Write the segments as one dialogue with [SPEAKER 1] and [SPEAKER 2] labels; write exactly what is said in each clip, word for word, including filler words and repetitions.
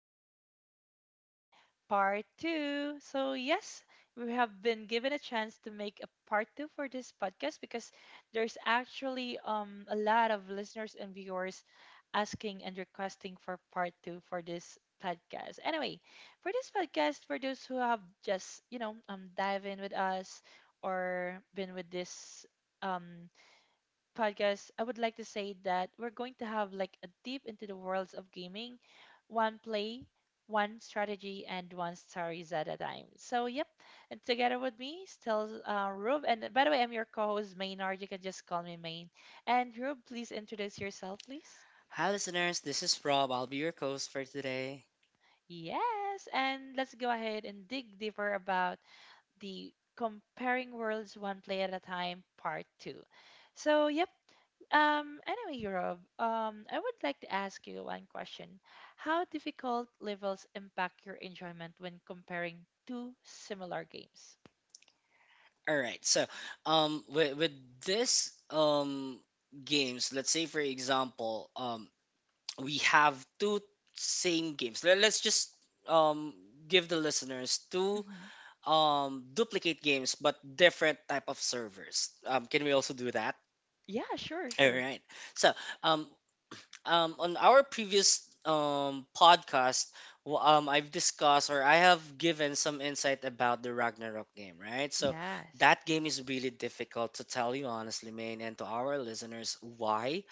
[SPEAKER 1] One Play at a Time, Part two. So, yes, we have been given a chance to make a part two for this podcast because there's actually um, a lot of listeners and viewers asking and requesting for part two for this podcast. Anyway, for this podcast, for those who have just, you know, um, dive in with us or been with this. Um, Podcast, I would like to say that we're going to have like a deep into the worlds of gaming, one play, one strategy, and one stories at a time. So, yep. And together with me, still uh, Rube. And by the way, I'm your co host, Maynard. You can just call me Main. And Rube, please introduce yourself, please.
[SPEAKER 2] Hi, listeners. This is Rob. I'll be your host for today.
[SPEAKER 1] Yes. And let's go ahead and dig deeper about the Comparing Worlds One Play at a Time Part Two. So, yep. Um, anyway, Rob, um, I would like to ask you one question. How difficult levels impact your enjoyment when comparing two similar games?
[SPEAKER 2] All right. So, um, with, with this um games, let's say for example, um, we have two same games. Let, let's just um give the listeners two
[SPEAKER 1] hmm
[SPEAKER 2] um duplicate games but different type of servers. Um, can we also do that?
[SPEAKER 1] Yeah, sure,
[SPEAKER 2] All
[SPEAKER 1] sure.
[SPEAKER 2] right. So, um, um, on our previous um, podcast, w- um, I've discussed or I have given some insight about the Ragnarok game, right? So
[SPEAKER 1] Yes.
[SPEAKER 2] that game is really difficult to tell you honestly, Main, and to our listeners why.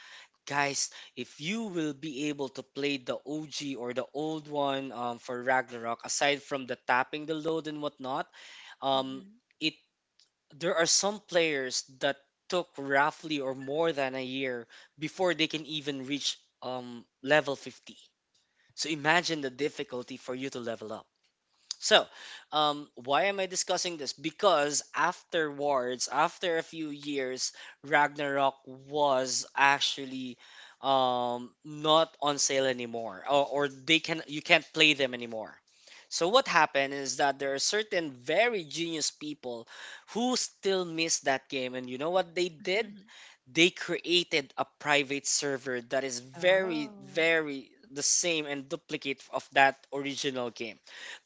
[SPEAKER 2] Guys, if you will be able to play the O G or the old one um, for Ragnarok, aside from the tapping the load and whatnot, um,
[SPEAKER 1] hmm
[SPEAKER 2] it there are some players that took roughly or more than a year before they can even reach um, level fifty. So imagine the difficulty for you to level up. So, um, why am I discussing this? Because afterwards, after a few years, Ragnarok was actually um, not on sale anymore, or, or they can you can't play them anymore. So what happened is that there are certain very genius people who still miss that game and you know what they did? They created a private server that is very
[SPEAKER 1] Oh.
[SPEAKER 2] very the same and duplicate of that original game.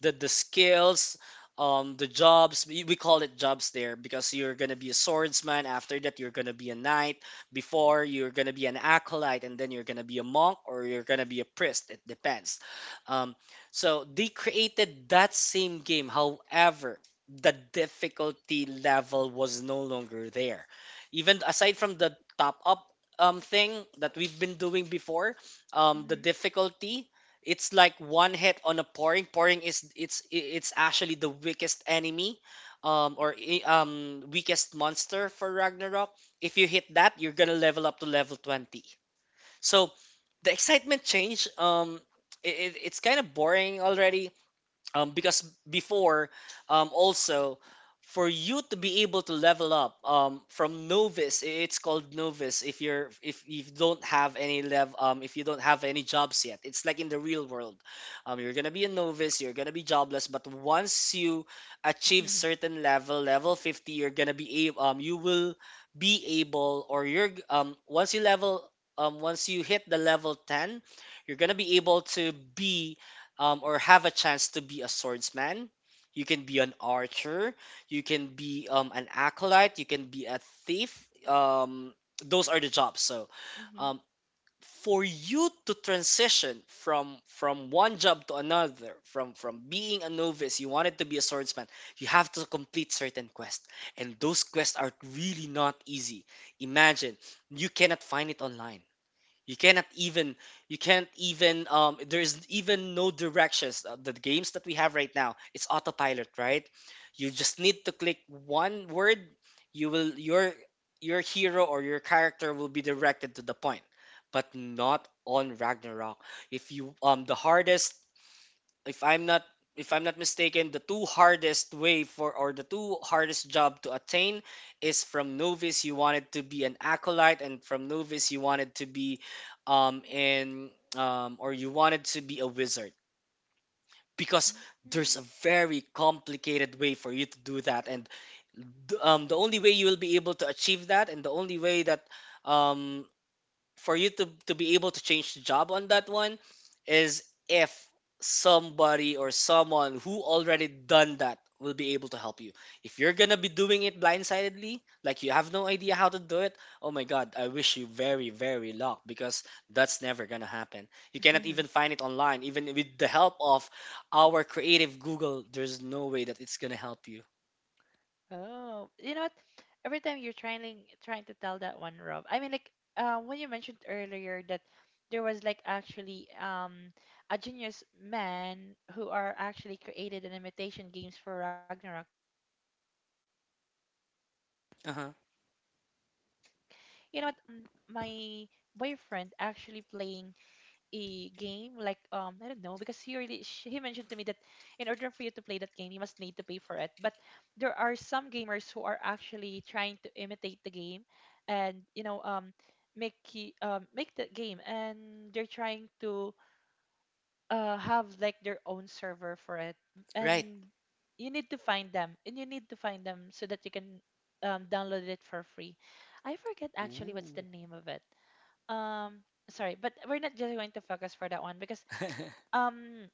[SPEAKER 2] The the skills, um the jobs, we, we call it jobs there because you're gonna be a swordsman, after that you're gonna be a knight, before you're gonna be an acolyte, and then you're gonna be a monk or you're gonna be a priest, it depends. Um, so they created that same game, however the difficulty level was no longer there. Even aside from the top up um thing that we've been doing before, um the
[SPEAKER 1] hmm
[SPEAKER 2] difficulty, it's like one hit on a pouring, pouring is it's it's actually the weakest enemy, um or i- um weakest monster for Ragnarok. If you hit that, you're going to level up to level twenty. So the excitement change, um it, it- it's kind of boring already, um, because before, um, also, for you to be able to level up, um, from novice, i- it's called novice, if you're if you don't have any lev um, if you don't have any jobs yet, it's like in the real world. Um, you're gonna be a novice, you're gonna be jobless, but once you achieve certain level, level fifty, you're gonna be able um, you will be able, or you're g- um, once you level um, once you hit the level ten, you're gonna be able to be um, or have a chance to be a swordsman. You can be an archer. You can be um, an acolyte. You can be a thief. Um, those are the jobs. So, um, for you to transition from from one job to another, from from being a novice, you wanted to be a swordsman. You have to complete certain quests, and those quests are really not easy. Imagine you cannot find it online. You cannot even, you can't even um there's even no directions. Uh, The games that we have right now, it's autopilot, right? You just need to click one word, you will your your hero or your character will be directed to the point. But not on Ragnarok. If you um the hardest, if I'm not if I'm not mistaken, the two hardest way for, or the two hardest job to attain, is from novice you wanted to be an acolyte, and from novice you wanted to be um in um or you wanted to be a wizard, because there's a very complicated way for you to do that, and th- um the only way you will be able to achieve that, and the only way that, um, for you to to be able to change the job on that one, is if somebody or someone who already done that will be able to help you. If you're gonna be doing it blindsidedly, like you have no idea how to do it, oh my god, I wish you very, very luck, because that's never gonna happen. You cannot
[SPEAKER 1] hmm
[SPEAKER 2] even find it online. Even with the help of our creative Google, there's no way that it's gonna help you.
[SPEAKER 1] Oh, you know what? Every time you're trying trying to tell that one, Rob. I mean, like uh, when you mentioned earlier that there was like actually um a genius man who are actually created an imitation games for Ragnarok. You know what? Um, my
[SPEAKER 2] Uh-huh.
[SPEAKER 1] boyfriend actually playing a game like um I don't know because he really sh he mentioned to me that in order for you to play that game, you must need to pay for it, but there are some gamers who are actually trying to imitate the game and you know um make ki- um make the game, and they're trying to uh have like their own server for it,
[SPEAKER 2] Right.
[SPEAKER 1] and you need to find them, and you need to find them so that you can um, download it for free. I forget actually what's the
[SPEAKER 2] Ooh.
[SPEAKER 1] name of it. um Sorry, but we're not just going to focus for that one because um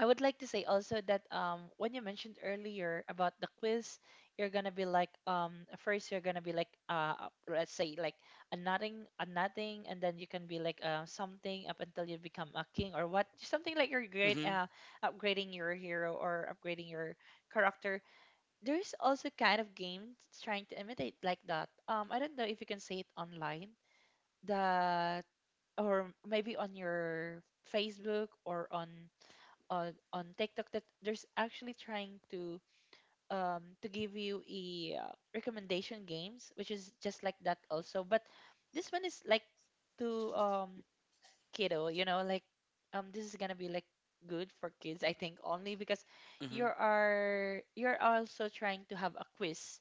[SPEAKER 1] I would like to say also that um when you mentioned earlier about the quiz, you're gonna be like um first you're gonna be like uh uh, let's say like a nothing a nothing and then you can be like uh, something up until you become a king or what, something like your great
[SPEAKER 2] mm-hmm.
[SPEAKER 1] uh upgrading your hero or upgrading your character. There's also kind of games trying to imitate like that. um I don't know if you can say it online that or maybe on your Facebook or on on on TikTok, that there's actually trying to um to give you a uh, recommendation games which is just like that also, but this one is like to um kiddo, you know, like um this is gonna be like good for kids, I think, only because you
[SPEAKER 2] Mm-hmm.
[SPEAKER 1] are, you're also trying to have a quiz,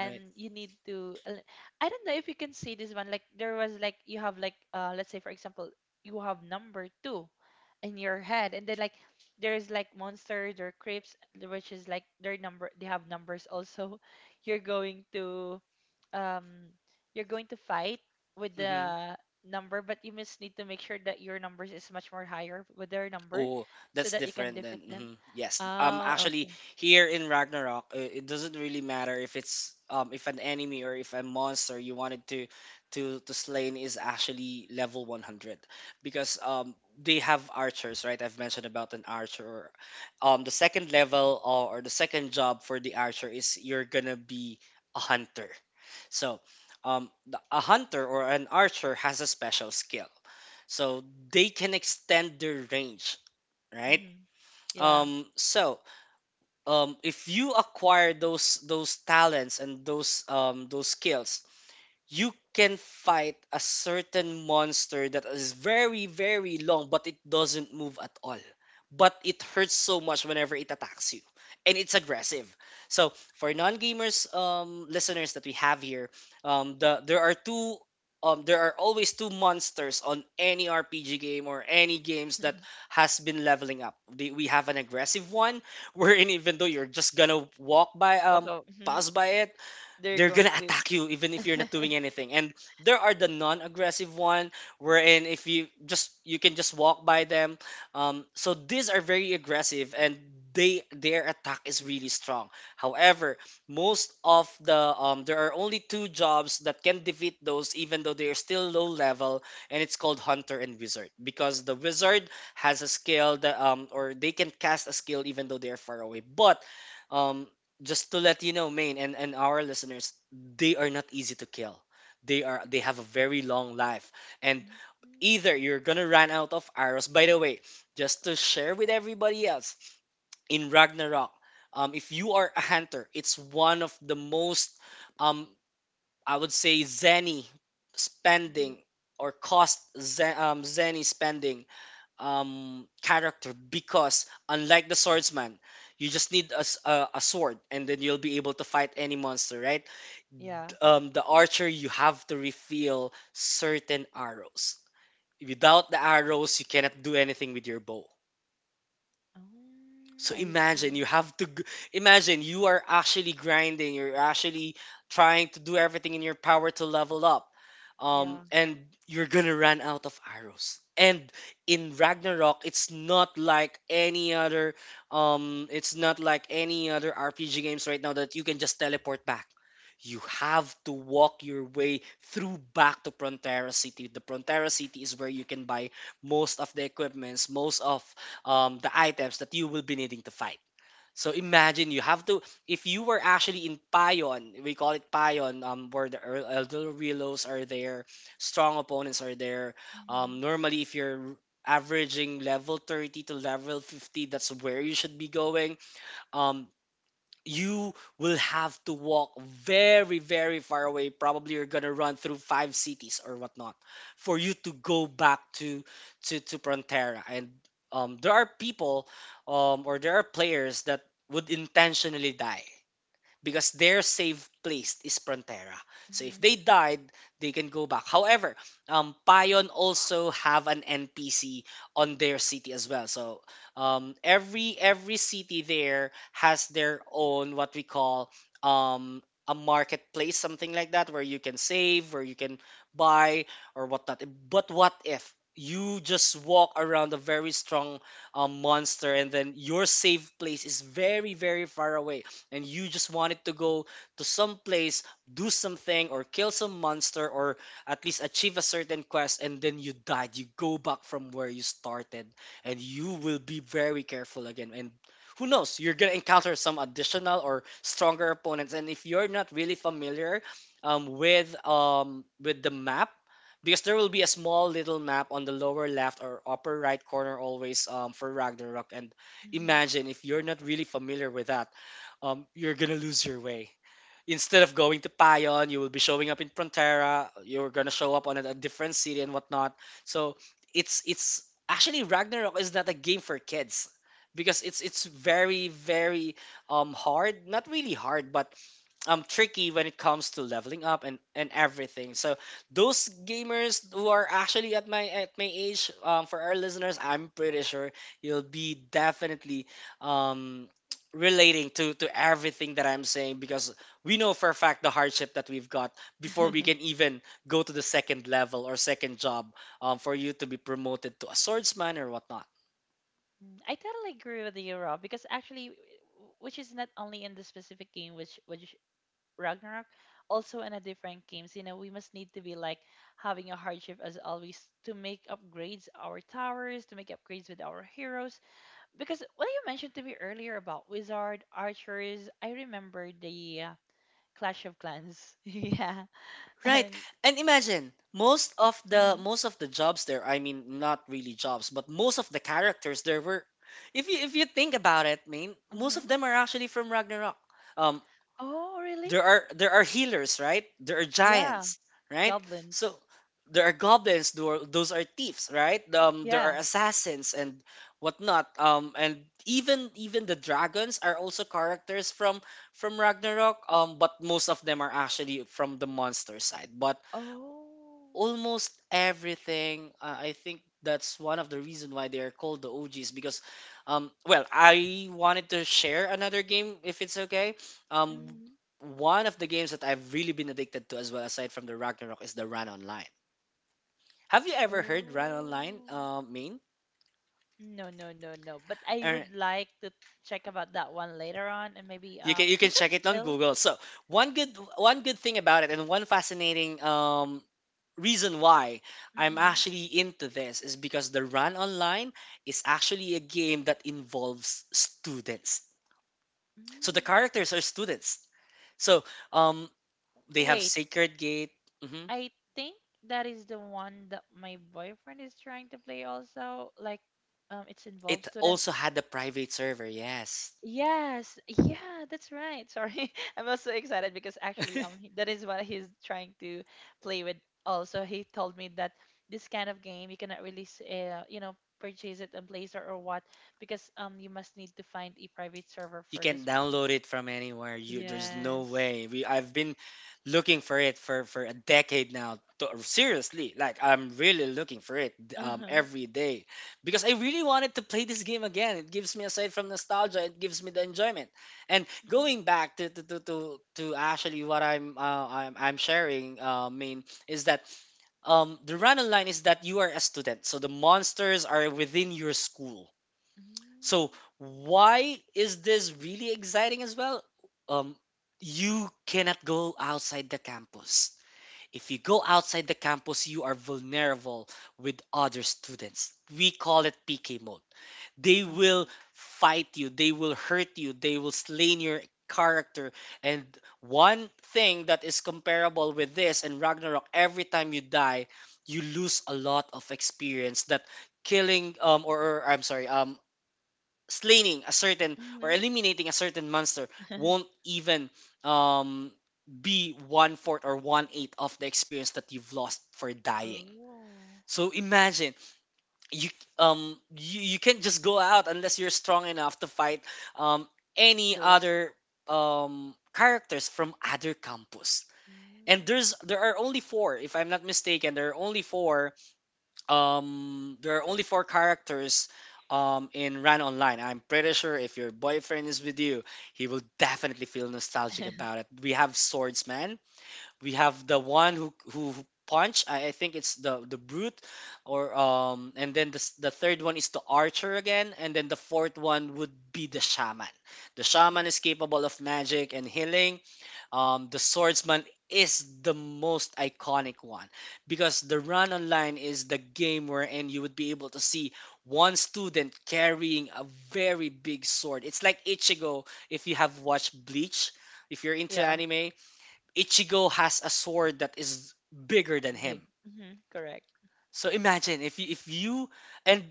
[SPEAKER 2] Right.
[SPEAKER 1] you need to el- I don't know if you can see this one. Like there was like you have like uh let's say for example you have number two in your head, and then like there's like monsters or creeps, which is like their number, they have numbers also. You're going to um you're going to fight with
[SPEAKER 2] Mm-hmm.
[SPEAKER 1] the number, but you must need to make sure that your numbers is much more higher with their number
[SPEAKER 2] Oh,
[SPEAKER 1] so
[SPEAKER 2] that's
[SPEAKER 1] that you can
[SPEAKER 2] different then.
[SPEAKER 1] defeat them.
[SPEAKER 2] Hmm Yes. Um,
[SPEAKER 1] Oh,
[SPEAKER 2] actually,
[SPEAKER 1] okay.
[SPEAKER 2] here in Ragnarok, uh, it doesn't really matter if it's um if an enemy or if a monster you wanted to to to slain is actually level one hundred, because um they have archers, right? I've mentioned about an archer. Um, the second level, or, or the second job for the archer is you're gonna be a hunter. So, um, the, a hunter or an archer has a special skill. So they can extend their range, right?
[SPEAKER 1] hmm yeah.
[SPEAKER 2] Um, so um, if you acquire those those talents and those um, those skills, you can fight a certain monster that is very, very long, but it doesn't move at all. But it hurts so much whenever it attacks you. And it's aggressive. So for non-gamers um, listeners that we have here, um, the there are two um, there are always two monsters on any R P G game or any games that has been leveling up. The- We have an aggressive one, wherein even though you're just gonna walk by um
[SPEAKER 1] Welcome.
[SPEAKER 2] pass by it,
[SPEAKER 1] They're
[SPEAKER 2] they're
[SPEAKER 1] going
[SPEAKER 2] gonna
[SPEAKER 1] to.
[SPEAKER 2] attack you even if you're not doing anything, and there are the non-aggressive one, wherein if you just you can just walk by them. Um, so these are very aggressive, and they their attack is really strong. However, most of the um, there are only two jobs that can defeat those even though they are still low level, and it's called hunter and wizard, because the wizard has a skill that um, or they can cast a skill even though they are far away. But um, just to let you know, Maine and, and our listeners, they are not easy to kill. They are they have a very long life. And
[SPEAKER 1] Mhm,
[SPEAKER 2] either you're gonna run out of arrows. By the way, just to share with everybody else, in Ragnarok, um, if you are a hunter, it's one of the most um I would say zany
[SPEAKER 1] mhm.
[SPEAKER 2] spending, or cost ze- um, zany spending um, character, because unlike the swordsman, you just need a, s- a- a sword, and then you'll be able to fight any monster, right?
[SPEAKER 1] Yeah.
[SPEAKER 2] Um, the archer, you have to refill certain arrows. Without the arrows, you cannot do anything with your bow.
[SPEAKER 1] Oh,
[SPEAKER 2] So
[SPEAKER 1] I
[SPEAKER 2] imagine you
[SPEAKER 1] see.
[SPEAKER 2] have to g- imagine you are actually grinding, you're actually trying to do everything in your power to level up. Um,
[SPEAKER 1] Yeah.
[SPEAKER 2] and you're gonna run out of arrows. And in Ragnarok, it's not like any other um it's not like any other R P G games right now that you can just teleport back. You have to walk your way through back to Prontera City. The Prontera City is where you can buy most of the equipments, most of um, the items that you will be needing to fight. So imagine you have to, if you were actually in Payon, we call it Payon, um, where the El- Elder Relos are there, strong opponents are there.
[SPEAKER 1] hmm
[SPEAKER 2] Um, normally, if you're averaging level thirty to level fifty, that's where you should be going. Um, you will have to walk very, very far away. Probably you're gonna run through five cities or whatnot for you to go back to to to Prontera. And um, there are people um, or there are players that would intentionally die because their safe place is Frontera. So if
[SPEAKER 1] hmm
[SPEAKER 2] they died, they can go back. However, um, Payon also have an N P C on their city as well. So um, every every city there has their own what we call um, a marketplace, something like that, where you can save, where you can buy or whatnot. But what if you just walk around a very strong um, monster, and then your safe place is very very far away, and you just wanted to go to some place, do something, or kill some monster, or at least achieve a certain quest, and then you died. You go back from where you started, and you will be very careful again. And who knows, you're gonna encounter some additional or stronger opponents. And if you're not really familiar um, with um, with the map, because there will be a small little map on the lower left or upper right corner always um, for Ragnarok. And
[SPEAKER 1] hmm
[SPEAKER 2] imagine if you're not really familiar with that, um, you're gonna lose your way. Instead of going to Payon, you will be showing up in Frontera. You're gonna show up on a, a different city and whatnot. So it's it's actually Ragnarok is not a game for kids, because it's it's very very um hard. Not really hard, but um tricky when it comes to leveling up and and everything, so those gamers who are actually at my at my age, um for our listeners, I'm pretty sure you'll be definitely um relating to to everything that I'm saying, because we know for a fact the hardship that we've got before we can even go to the second level or second job, um, for you to be promoted to a swordsman or whatnot.
[SPEAKER 1] Mm, I totally agree with you, Rob, because actually, w- w- which is not only in the specific game, which which Ragnarok, also in a different games. You know, we must need to be like having a hardship as always to make upgrades our towers, to make upgrades with our heroes. Because what you mentioned to me earlier about wizard archers, I remember the uh, Clash of Clans. Yeah.
[SPEAKER 2] Right.
[SPEAKER 1] And
[SPEAKER 2] And imagine most of the
[SPEAKER 1] hmm
[SPEAKER 2] most of the jobs there, I mean not really jobs, but most of the characters there were, if you if you think about it, I mean, most
[SPEAKER 1] hmm
[SPEAKER 2] of them are actually from Ragnarok. Um
[SPEAKER 1] Oh, really?
[SPEAKER 2] there are there are healers, right? There are
[SPEAKER 1] Yeah.
[SPEAKER 2] giants, right? So
[SPEAKER 1] Goblins.
[SPEAKER 2] there are goblins, tho- those are thieves, right? Um, there are
[SPEAKER 1] Yeah.
[SPEAKER 2] assassins and whatnot. Um, and even even the dragons are also characters from from Ragnarok. Um, but most of them are actually from the monster side. But
[SPEAKER 1] Oh.
[SPEAKER 2] almost everything. Uh, I think that's one of the reason why they are called the O Gs because, um, well, I wanted to share another game if it's okay. Um,
[SPEAKER 1] hmm
[SPEAKER 2] One of the games that I've really been addicted to as well, aside from the Ragnarok, is the Run Online. Have you ever heard Run
[SPEAKER 1] Oh.
[SPEAKER 2] Online, uh, Main?
[SPEAKER 1] No, no, no, no. But I
[SPEAKER 2] Er,
[SPEAKER 1] would like to check about that one later on, and maybe
[SPEAKER 2] you can
[SPEAKER 1] um
[SPEAKER 2] you can
[SPEAKER 1] is that
[SPEAKER 2] check it on
[SPEAKER 1] still?
[SPEAKER 2] Google. So one good one good thing about it and one fascinating um reason why I'm
[SPEAKER 1] hmm
[SPEAKER 2] actually into this is because the Run Online is actually a game that involves students. So the
[SPEAKER 1] Mm.
[SPEAKER 2] characters are students. So, um, they have
[SPEAKER 1] Wait,
[SPEAKER 2] Sacred Gate. hmm
[SPEAKER 1] I think that is the one that my boyfriend is trying to play also. Like um it's involved
[SPEAKER 2] It also
[SPEAKER 1] students.
[SPEAKER 2] had a private server. Yes.
[SPEAKER 1] Yes, yeah, that's right. Sorry, I'm also excited because actually, um, he, that is what he's trying to play with. Also, he told me that this kind of game you cannot really, s- uh, you know, purchase it on Play Store or what, because um, you must need to find a private server
[SPEAKER 2] you
[SPEAKER 1] for
[SPEAKER 2] can
[SPEAKER 1] this one.
[SPEAKER 2] download it from anywhere. You there's no
[SPEAKER 1] Yes.
[SPEAKER 2] way. We I've been looking for it for for a decade now. To, seriously, like I'm really looking for it
[SPEAKER 1] Uh
[SPEAKER 2] um,
[SPEAKER 1] huh.
[SPEAKER 2] every day, because I really wanted to play this game again. It gives me, aside from nostalgia, it gives me the enjoyment. And
[SPEAKER 1] hmm
[SPEAKER 2] going back to to to to, to actually what I'm, uh, I'm I'm sharing, uh, mean is that um the run line is that you are a student, so the monsters are within your school. So
[SPEAKER 1] mm
[SPEAKER 2] why is this really exciting as well? Um, you cannot go outside the campus. If you go outside the campus, you are vulnerable with other students. We call it P K mode. They will
[SPEAKER 1] Oh.
[SPEAKER 2] fight you, they will hurt you, they will slain your character. And one thing that is comparable with this and Ragnarok, every time you die, you lose a lot of experience that killing, um or, or I'm sorry, um slaying a certain or
[SPEAKER 1] hmm
[SPEAKER 2] eliminating a certain monster won't even um, be one fourth or one eighth of the experience that you've lost for dying.
[SPEAKER 1] oh,
[SPEAKER 2] So imagine you um you, you can't just go out unless you're strong enough to fight um any
[SPEAKER 1] those.
[SPEAKER 2] other um characters from other campus. And
[SPEAKER 1] Mm.
[SPEAKER 2] there's there are only four, if I'm not mistaken, there are only four um there are only four characters um in Ran Online. I'm pretty sure if your boyfriend is with you, he will definitely feel nostalgic about it. We have Swordsman, we have the one who who punch. I, I think it's the the brute or, um and then the, s- the third one is the archer again, and then the fourth one would be the shaman. the
[SPEAKER 1] Oh,
[SPEAKER 2] shaman is capable of magic and healing. Um, the swordsman is the most iconic one, because the run online is the game wherein you would be able to see one student carrying a very big sword. It's like Ichigo, if you have watched Bleach, if you're into
[SPEAKER 1] yeah,
[SPEAKER 2] anime. Ichigo has a sword that is bigger than
[SPEAKER 1] big.
[SPEAKER 2] him.
[SPEAKER 1] hmm Correct.
[SPEAKER 2] So imagine if you, if you and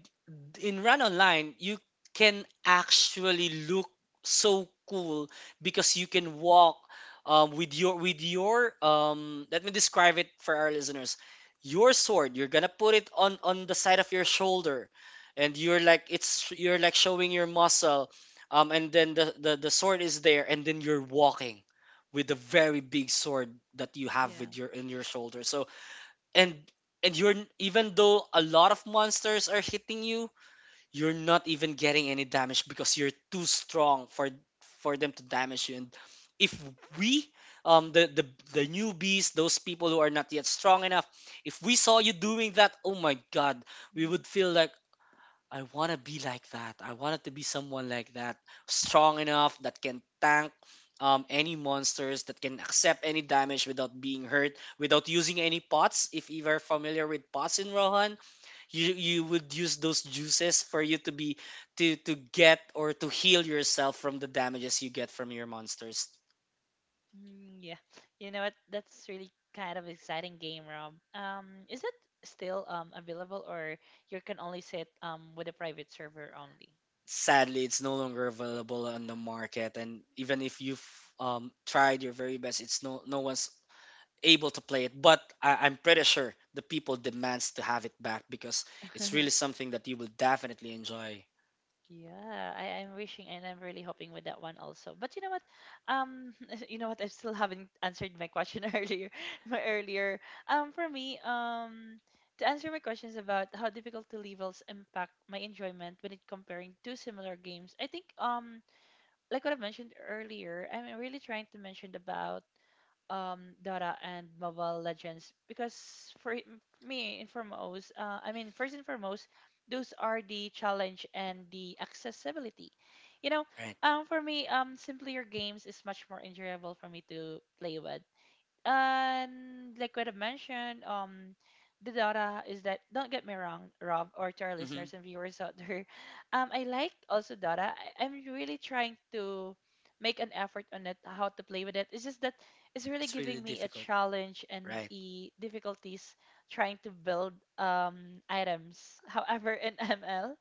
[SPEAKER 2] in run online you can actually look so cool because you can walk, um, with your with your um, let me describe it for our listeners. Your sword, you're gonna put it on on the side of your shoulder, and you're like it's you're like showing your muscle, um, and then the, the the sword is there, and then you're walking with the very big sword that you have
[SPEAKER 1] Yeah.
[SPEAKER 2] with your in your shoulder. So and and you're n- even though a lot of monsters are hitting you, you're not even getting any damage because you're too strong for for them to damage you. And if we um the the, the newbies, those people who are not yet strong enough, if we saw you doing that, oh my god, we would
[SPEAKER 1] hmm
[SPEAKER 2] feel like I want to be like that. I wanted to be someone like that, strong enough that can tank, um, any monsters, that can accept any damage without being hurt, without using any pots. If you are familiar with pots in Rohan, you you would use those juices for you to be to to get or to heal yourself from the damages you get from your monsters.
[SPEAKER 1] Mm, yeah. You know what? That's really kind of exciting game, Rob. Um, is it still um available or you can only sit um with a private server only?
[SPEAKER 2] Sadly, it's no longer available on the market, and even if you've um, tried your very best, it's no no one's able to play it. But I, I'm pretty sure the people demands to have it back because it's really something that you will definitely enjoy.
[SPEAKER 1] Yeah, I, I'm wishing and I'm really hoping with that one also. But you know what? Um, you know what? I still haven't answered my question earlier. My earlier. Um, for me, um, to answer my questions about how difficulty levels impact my enjoyment when it comparing two similar games, I think um like what I mentioned earlier, I'm really trying to mention about um Dota and Mobile Legends because for it- me in foremost, uh, I mean first and foremost, those are the challenge and the accessibility. You know,
[SPEAKER 2] Right.
[SPEAKER 1] um, for me, um, simpler games is much more enjoyable for me to play with. And like what I've mentioned, um, the data is that don't get me wrong, Rob, or to our
[SPEAKER 2] hmm
[SPEAKER 1] listeners and viewers out there, um, I like also data. I, I'm really trying to make an effort on it, how to play with it. It's just that it's really
[SPEAKER 2] it's really
[SPEAKER 1] giving me a
[SPEAKER 2] difficult.
[SPEAKER 1] challenge and
[SPEAKER 2] Right.
[SPEAKER 1] the difficulties trying to build um items. However, in M L,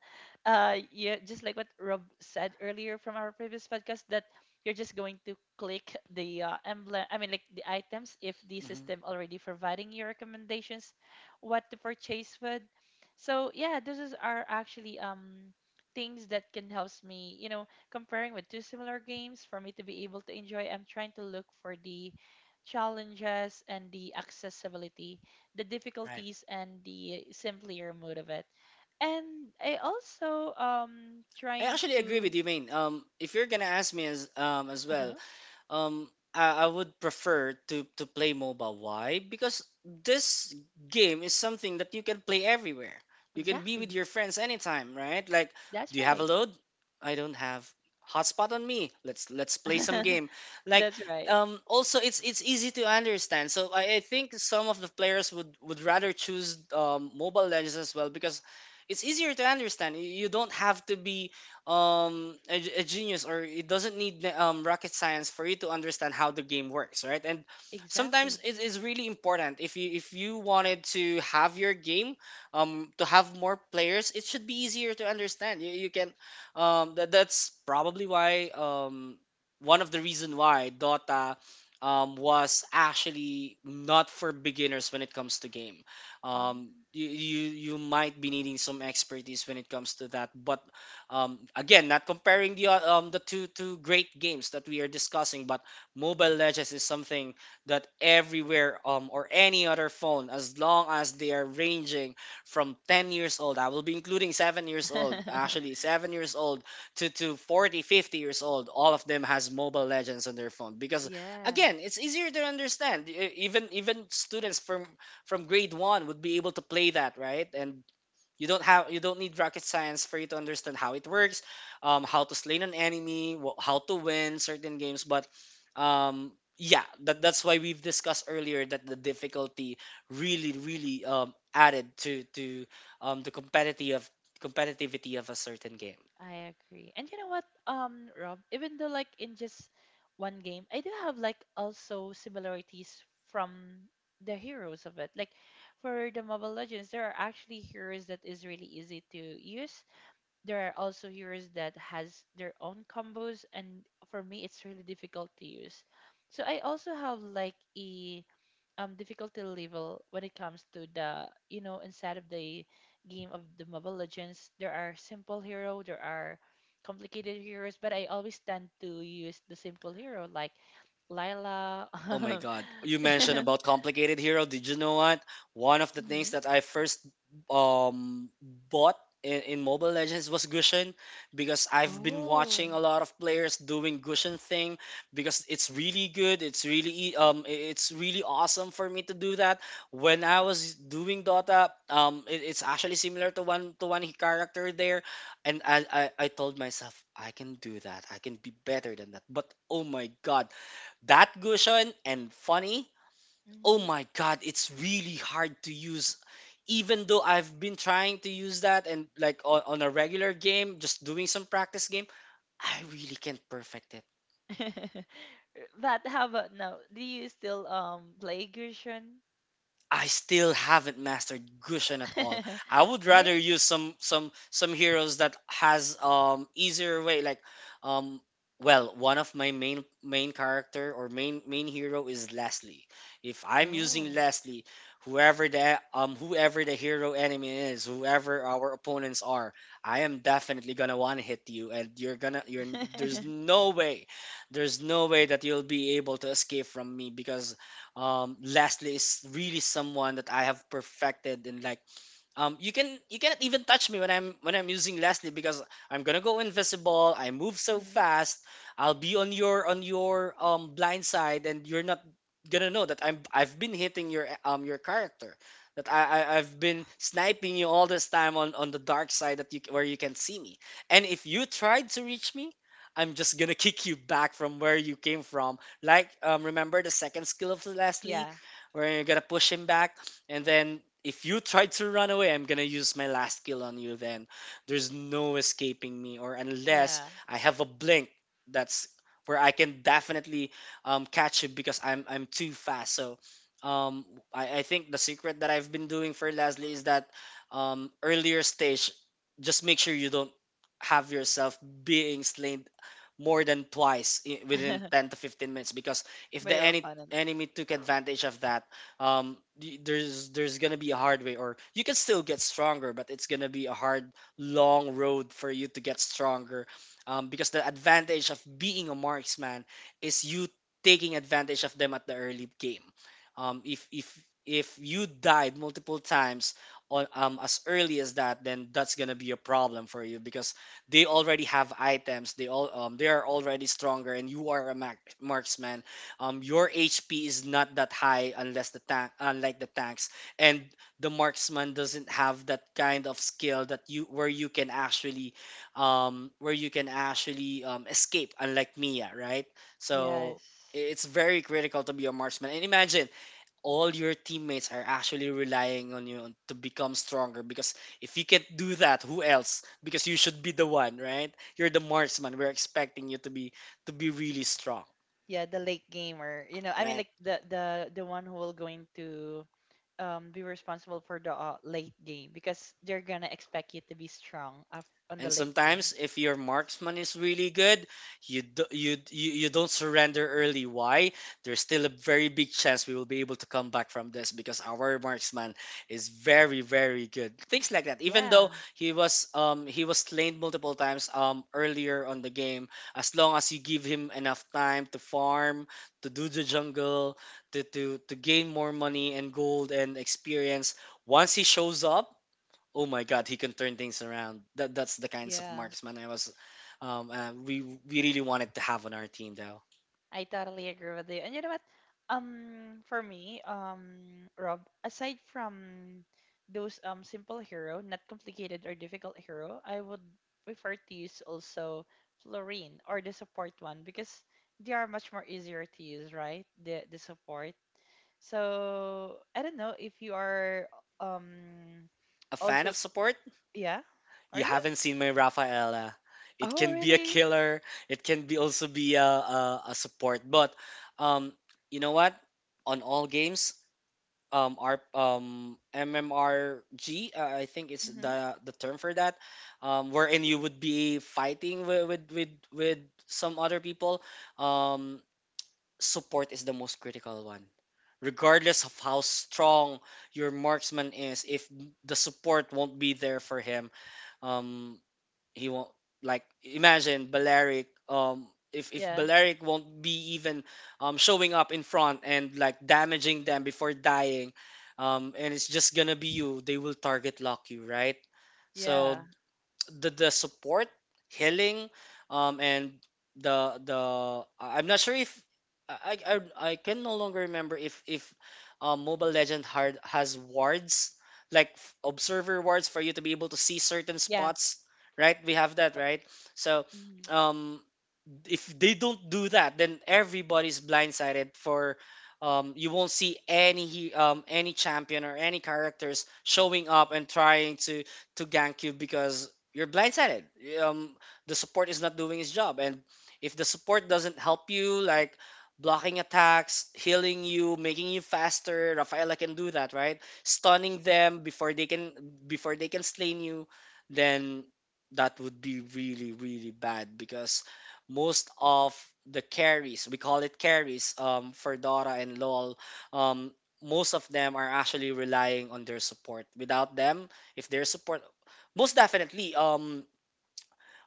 [SPEAKER 1] uh, yeah, just like what Rob said earlier from our previous podcast, that you're just going to click the uh, emblem, I mean like the items, if the
[SPEAKER 2] hmm
[SPEAKER 1] system already providing you recommendations what to purchase with. So yeah, this is are actually um things that can help me, you know, comparing with two similar games for me to be able to enjoy. I'm trying to look for the challenges and the accessibility, the
[SPEAKER 2] right.
[SPEAKER 1] difficulties and the simpler mode of it. And I also um
[SPEAKER 2] I
[SPEAKER 1] trying
[SPEAKER 2] actually agree
[SPEAKER 1] to
[SPEAKER 2] with you, Main. Um if you're gonna ask me as, um as well,
[SPEAKER 1] uh-huh
[SPEAKER 2] um I, I would prefer to to play mobile. Why? Because this game is something that you can play everywhere. You can be with
[SPEAKER 1] exactly.
[SPEAKER 2] your friends anytime, right? Like,
[SPEAKER 1] That's
[SPEAKER 2] do you have a
[SPEAKER 1] right.
[SPEAKER 2] load? I don't have hotspot on me. Let's let's play some game. Like,
[SPEAKER 1] That's right.
[SPEAKER 2] um, also it's it's easy to understand. So I, I think some of the players would would rather choose, um, mobile legends as well because it's easier to understand. You you don't have to be, um a, g- a genius, or it doesn't need um rocket science for you to understand how the game works, right? And sometimes
[SPEAKER 1] Exactly.
[SPEAKER 2] it is really important if you if you wanted to have your game, um to have more players it should be easier to understand. you, you can um that, that's probably why, um one of the reason why dota, um, was actually not for beginners when it comes to game. um
[SPEAKER 1] Mm.
[SPEAKER 2] you, you you might be needing some expertise when it comes to that. But, um, again, not comparing the o- um, the two two great games that we are discussing, but Mobile Legends is something that everywhere, um, or any other phone, as long as they are ranging from ten years old, I will be including seven years old, actually seven years old to, to forty fifty years old, all of them has Mobile Legends on their phone because again,
[SPEAKER 1] Yes,
[SPEAKER 2] it's easier to understand. E- Even even students from from grade one would be able to play that, right? And you don't have you don't need rocket science for you to understand how it works, um, how to slay an enemy, wh- how to win certain games. But, um, yeah, that, that's why we've discussed earlier that the difficulty really really, um, added to to um, the competitive competitivity of a certain game.
[SPEAKER 1] I agree. And you know what, um, Rob, even though like in just one game, I do have like also similarities from the heroes of it. Like for the Mobile Legends, there are actually heroes that is really easy to use. There are also heroes that has their own combos, and for me it's really difficult to use. So I also have like a um difficulty level when it comes to the, you know, inside of the game of the Mobile Legends. There are simple hero, there are complicated heroes, but I always tend to use the simple hero like Lila.
[SPEAKER 2] Oh my god. You mentioned about complicated hero. Did you know what? One of the things
[SPEAKER 1] Mhm.
[SPEAKER 2] that I first um bought in, in Mobile Legends was Gushin, because I've been
[SPEAKER 1] Oh,
[SPEAKER 2] watching a lot of players doing Gushin thing because it's really good. It's really ea- um i- it's really awesome for me to do that. When I was doing Dota, um it, it's actually similar to one to one character there, and I, I I told myself I can do that. I can be better than that. But oh my god, that gushon and funny, oh
[SPEAKER 1] mhm.
[SPEAKER 2] my god, it's really hard to use, even though I've been trying to use that. And like, on, on a regular game, just doing some practice game, I really can't perfect it.
[SPEAKER 1] But how about now? Do you still um play Gershon?
[SPEAKER 2] I still haven't mastered Gushen at all. I would
[SPEAKER 1] Right?
[SPEAKER 2] rather use some some some heroes that has um easier way like, um well, one of my main main character or main main hero is Leslie. If I'm using
[SPEAKER 1] Oh.
[SPEAKER 2] Leslie, whoever the um whoever the hero enemy is, whoever our opponents are, I am definitely gonna one hit you and you're gonna you're there's no way there's no way that you'll be able to escape from me, because, um, Lastly is really someone that I have perfected in. Like, um, you can you cannot even touch me when I'm when I'm using Leslie, because I'm gonna go invisible. I move so
[SPEAKER 1] Mhm.
[SPEAKER 2] fast. I'll be on your on your um blind side, and you're not gonna know that I'm I've been hitting your um your character, that I, I I've been sniping you all this time on on the dark side that you c- where you can see me. And if you tried to reach me, I'm just gonna kick you back from where you came from. Like um remember the second skill of Leslie,
[SPEAKER 1] Yeah.
[SPEAKER 2] where you're gonna push him back. And then if you try to run away, I'm gonna use my last skill on you then. There's no escaping me, or unless
[SPEAKER 1] Yeah.
[SPEAKER 2] I have a blink that's where I can definitely um, catch you because I'm I'm too fast. So um, I, I think the secret that I've been doing for Leslie is that um, earlier stage, just make sure you don't have yourself being slain more than twice i- within ten to fifteen minutes, because if
[SPEAKER 1] By
[SPEAKER 2] the
[SPEAKER 1] your
[SPEAKER 2] any
[SPEAKER 1] opponent.
[SPEAKER 2] enemy took advantage of that, um y- there's there's gonna be a hard way, or you can still get stronger but it's gonna be a hard long road for you to get stronger, um, because the advantage of being a marksman is you taking advantage of them at the early game. Um, if if if you died multiple times on um, as early as that, then that's gonna be a problem for you because they already have items, they all um, they are already stronger, and you are a mark- marksman. Um your H P is not that high, unless the tank, unlike the tanks. And the marksman doesn't have that kind of skill that you where you can actually um where you can actually um, escape, unlike Mia, right? So
[SPEAKER 1] Yes.
[SPEAKER 2] i- it's very critical to be a marksman, and imagine all your teammates are actually relying on you to become stronger. Because if you can't do that, who else? Because you should be the one, right? You're the marksman. We're expecting you to be to be really strong,
[SPEAKER 1] Yeah, the late gamer. You know, I mean,
[SPEAKER 2] right?
[SPEAKER 1] like the the the one who will going to um be responsible for the uh, late game because they're gonna expect you to be strong af- on the
[SPEAKER 2] And
[SPEAKER 1] late game.
[SPEAKER 2] sometimes, if your marksman is really good, you do, you, you you don't surrender early. Why? There's still a very big chance we will be able to come back from this, because our marksman is very very good. Things like that. Even though
[SPEAKER 1] Yeah.
[SPEAKER 2] he was um he was slain multiple times um earlier on the game, as long as you give him enough time to farm, to do the jungle, to to to gain more money and gold and experience. Once he shows up, oh my god, he can turn things around. That that's the kinds of
[SPEAKER 1] Yeah.
[SPEAKER 2] marksman i was um uh, we we really wanted to have on our team, though.
[SPEAKER 1] I totally agree with you. And you know what? Um, for me, um, Rob, aside from those um simple hero, not complicated or difficult hero, I would prefer to use also Florine or the support one, because they are much more easier to use, right? The the support. So I don't know if you are um
[SPEAKER 2] A fan
[SPEAKER 1] also,
[SPEAKER 2] of support?
[SPEAKER 1] yeah, are
[SPEAKER 2] You
[SPEAKER 1] you?
[SPEAKER 2] haven't seen my Rafaela. It
[SPEAKER 1] Oh
[SPEAKER 2] can be a
[SPEAKER 1] really?
[SPEAKER 2] killer. It can be also be a, a, a support. But um you know what, on all games, um our um mmrg, uh, I think it's
[SPEAKER 1] Mm-hmm.
[SPEAKER 2] the the term for that, um wherein you would be fighting with with with, with some other people. um Support is the most critical one. Regardless of how strong your marksman is, if the support won't be there for him, um, he won't, like, imagine Balearic. Um, if if
[SPEAKER 1] Yeah,
[SPEAKER 2] Balearic won't be even um, showing up in front and like damaging them before dying, um, and it's just gonna be you, they will target lock you, right?
[SPEAKER 1] yeah,
[SPEAKER 2] So the the support, healing, um, and the the I- I'm not sure if I I, I I can no longer remember if if um, Mobile Legend hard has wards, like f- observer wards, for you to be able to see certain
[SPEAKER 1] yeah.
[SPEAKER 2] spots. Right, we have that,
[SPEAKER 1] Oh,
[SPEAKER 2] right? So,
[SPEAKER 1] mhm.
[SPEAKER 2] um, if they don't do that, then everybody's blindsided for um, you won't see any he- um, any champion or any characters showing up and trying to to gank you because you're blindsided. Um, the support is not doing his job, and if the support doesn't help you, like blocking attacks, healing you, making you faster, Rafaela can do that, right? Stunning them before they can before they can slay you, then that would be really really bad, because most of the carries, we call it carries, um, for Dora and LOL, um, most of them are actually relying on their support. Without them, if their support, most definitely, um,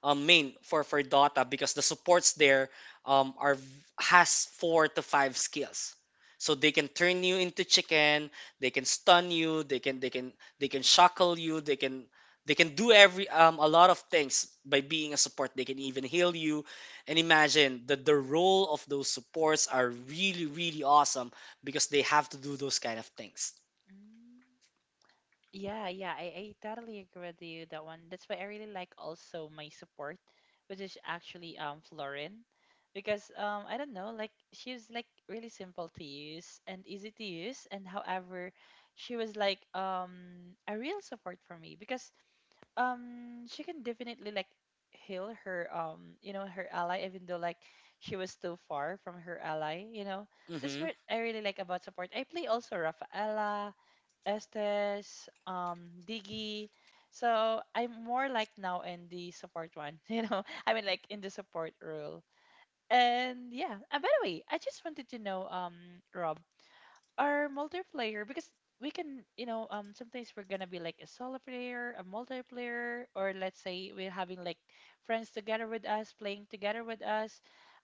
[SPEAKER 2] um, main for for Dota, because the supports there um, are v- has four to five skills. So they can turn you into chicken, they can stun you, they can they can they can shackle you, they can they can do every um, a lot of things by being a support. They can even heal you. And imagine that the role of those supports are really really awesome because they have to do those kind of things.
[SPEAKER 1] mm Yeah, yeah, I, I totally agree with you that one. That's why I really like also my support, which is actually um Florin, because um I don't know, like she's like really simple to use and easy to use, and however, she was like um a real support for me because um she can definitely like heal her um you know, her ally, even though like she was too far from her ally, you know. That's
[SPEAKER 2] Mm-hmm.
[SPEAKER 1] what I really like about support. I play also Rafaela, Estes, um, Diggy. So I'm more like now in the support one, you know. I mean, like in the support role. And yeah. And by the way, I just wanted to know, um, Rob, our multiplayer. Because we can you know um sometimes we're gonna be like a solo player, a multiplayer, or let's say we're having like friends together with us, playing together with us.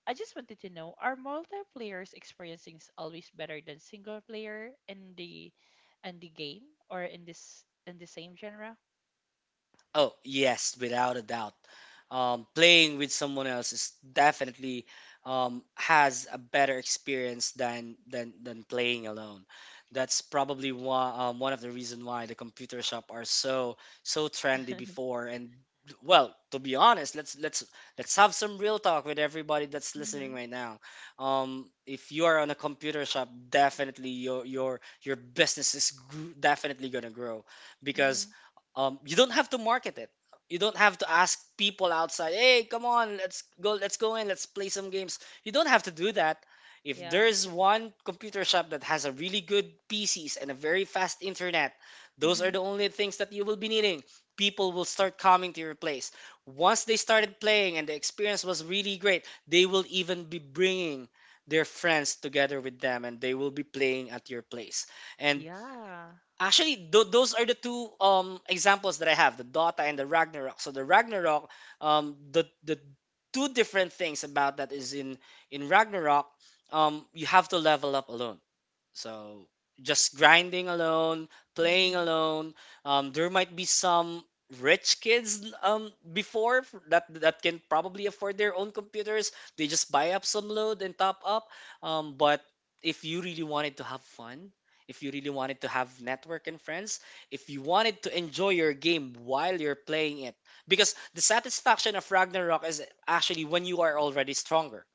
[SPEAKER 1] I just wanted to know, are multiplayers experiencing is always better than single player in the in the game, or in this, in the same genre?
[SPEAKER 2] Oh, yes, without a doubt. Um, playing with someone else is definitely um, has a better experience than than than playing alone. That's probably one um, one of the reason why the computer shop are so so trendy before. And well, to be honest, let's let's let's have some real talk with everybody that's listening
[SPEAKER 1] Mm-hmm.
[SPEAKER 2] right now. Um, if you are on a computer shop, definitely your your your business is gr- definitely gonna grow
[SPEAKER 1] Mm-hmm.
[SPEAKER 2] because um, you don't have to market it. You don't have to ask people outside, "Hey, come on, let's go, let's go in, let's play some games." You don't have to do that. If
[SPEAKER 1] Yeah.
[SPEAKER 2] there's one computer shop that has a really good P Cs and a very fast internet, those are
[SPEAKER 1] Mm-hmm.
[SPEAKER 2] the only things that you will be needing. People will start coming to your place. Once they started playing and the experience was really great, they will even be bringing their friends together with them and they will be playing at your place. And
[SPEAKER 1] Yeah.
[SPEAKER 2] actually, tho- those are the two um examples that I have, the Dota and the Ragnarok. So the Ragnarok, um, the the two different things about that is in in Ragnarok, um, you have to level up alone. So just grinding alone, playing
[SPEAKER 1] Mm-hmm.
[SPEAKER 2] alone. Um, there might be some rich kids um before f- that that can probably afford their own computers. They just buy up some load and top up. Um, but if you really wanted to have fun, if you really wanted to have network and friends, if you wanted to enjoy your game while you're playing it, because the satisfaction of Ragnarok is actually when you are already stronger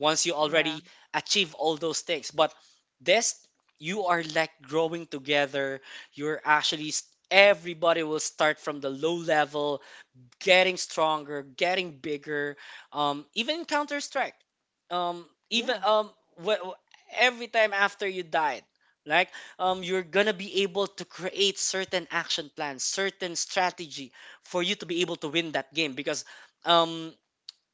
[SPEAKER 2] once you
[SPEAKER 1] Yeah,
[SPEAKER 2] already achieve all those things. But this, you are like growing together. You're actually, s- everybody will start from the low level, getting stronger, getting bigger. Um, even in Counter Strike, um,
[SPEAKER 1] yeah,
[SPEAKER 2] even um, wh- wh- every time after you died, like um, you're gonna be able to create certain action plans, certain strategy for you to be able to win that game, because um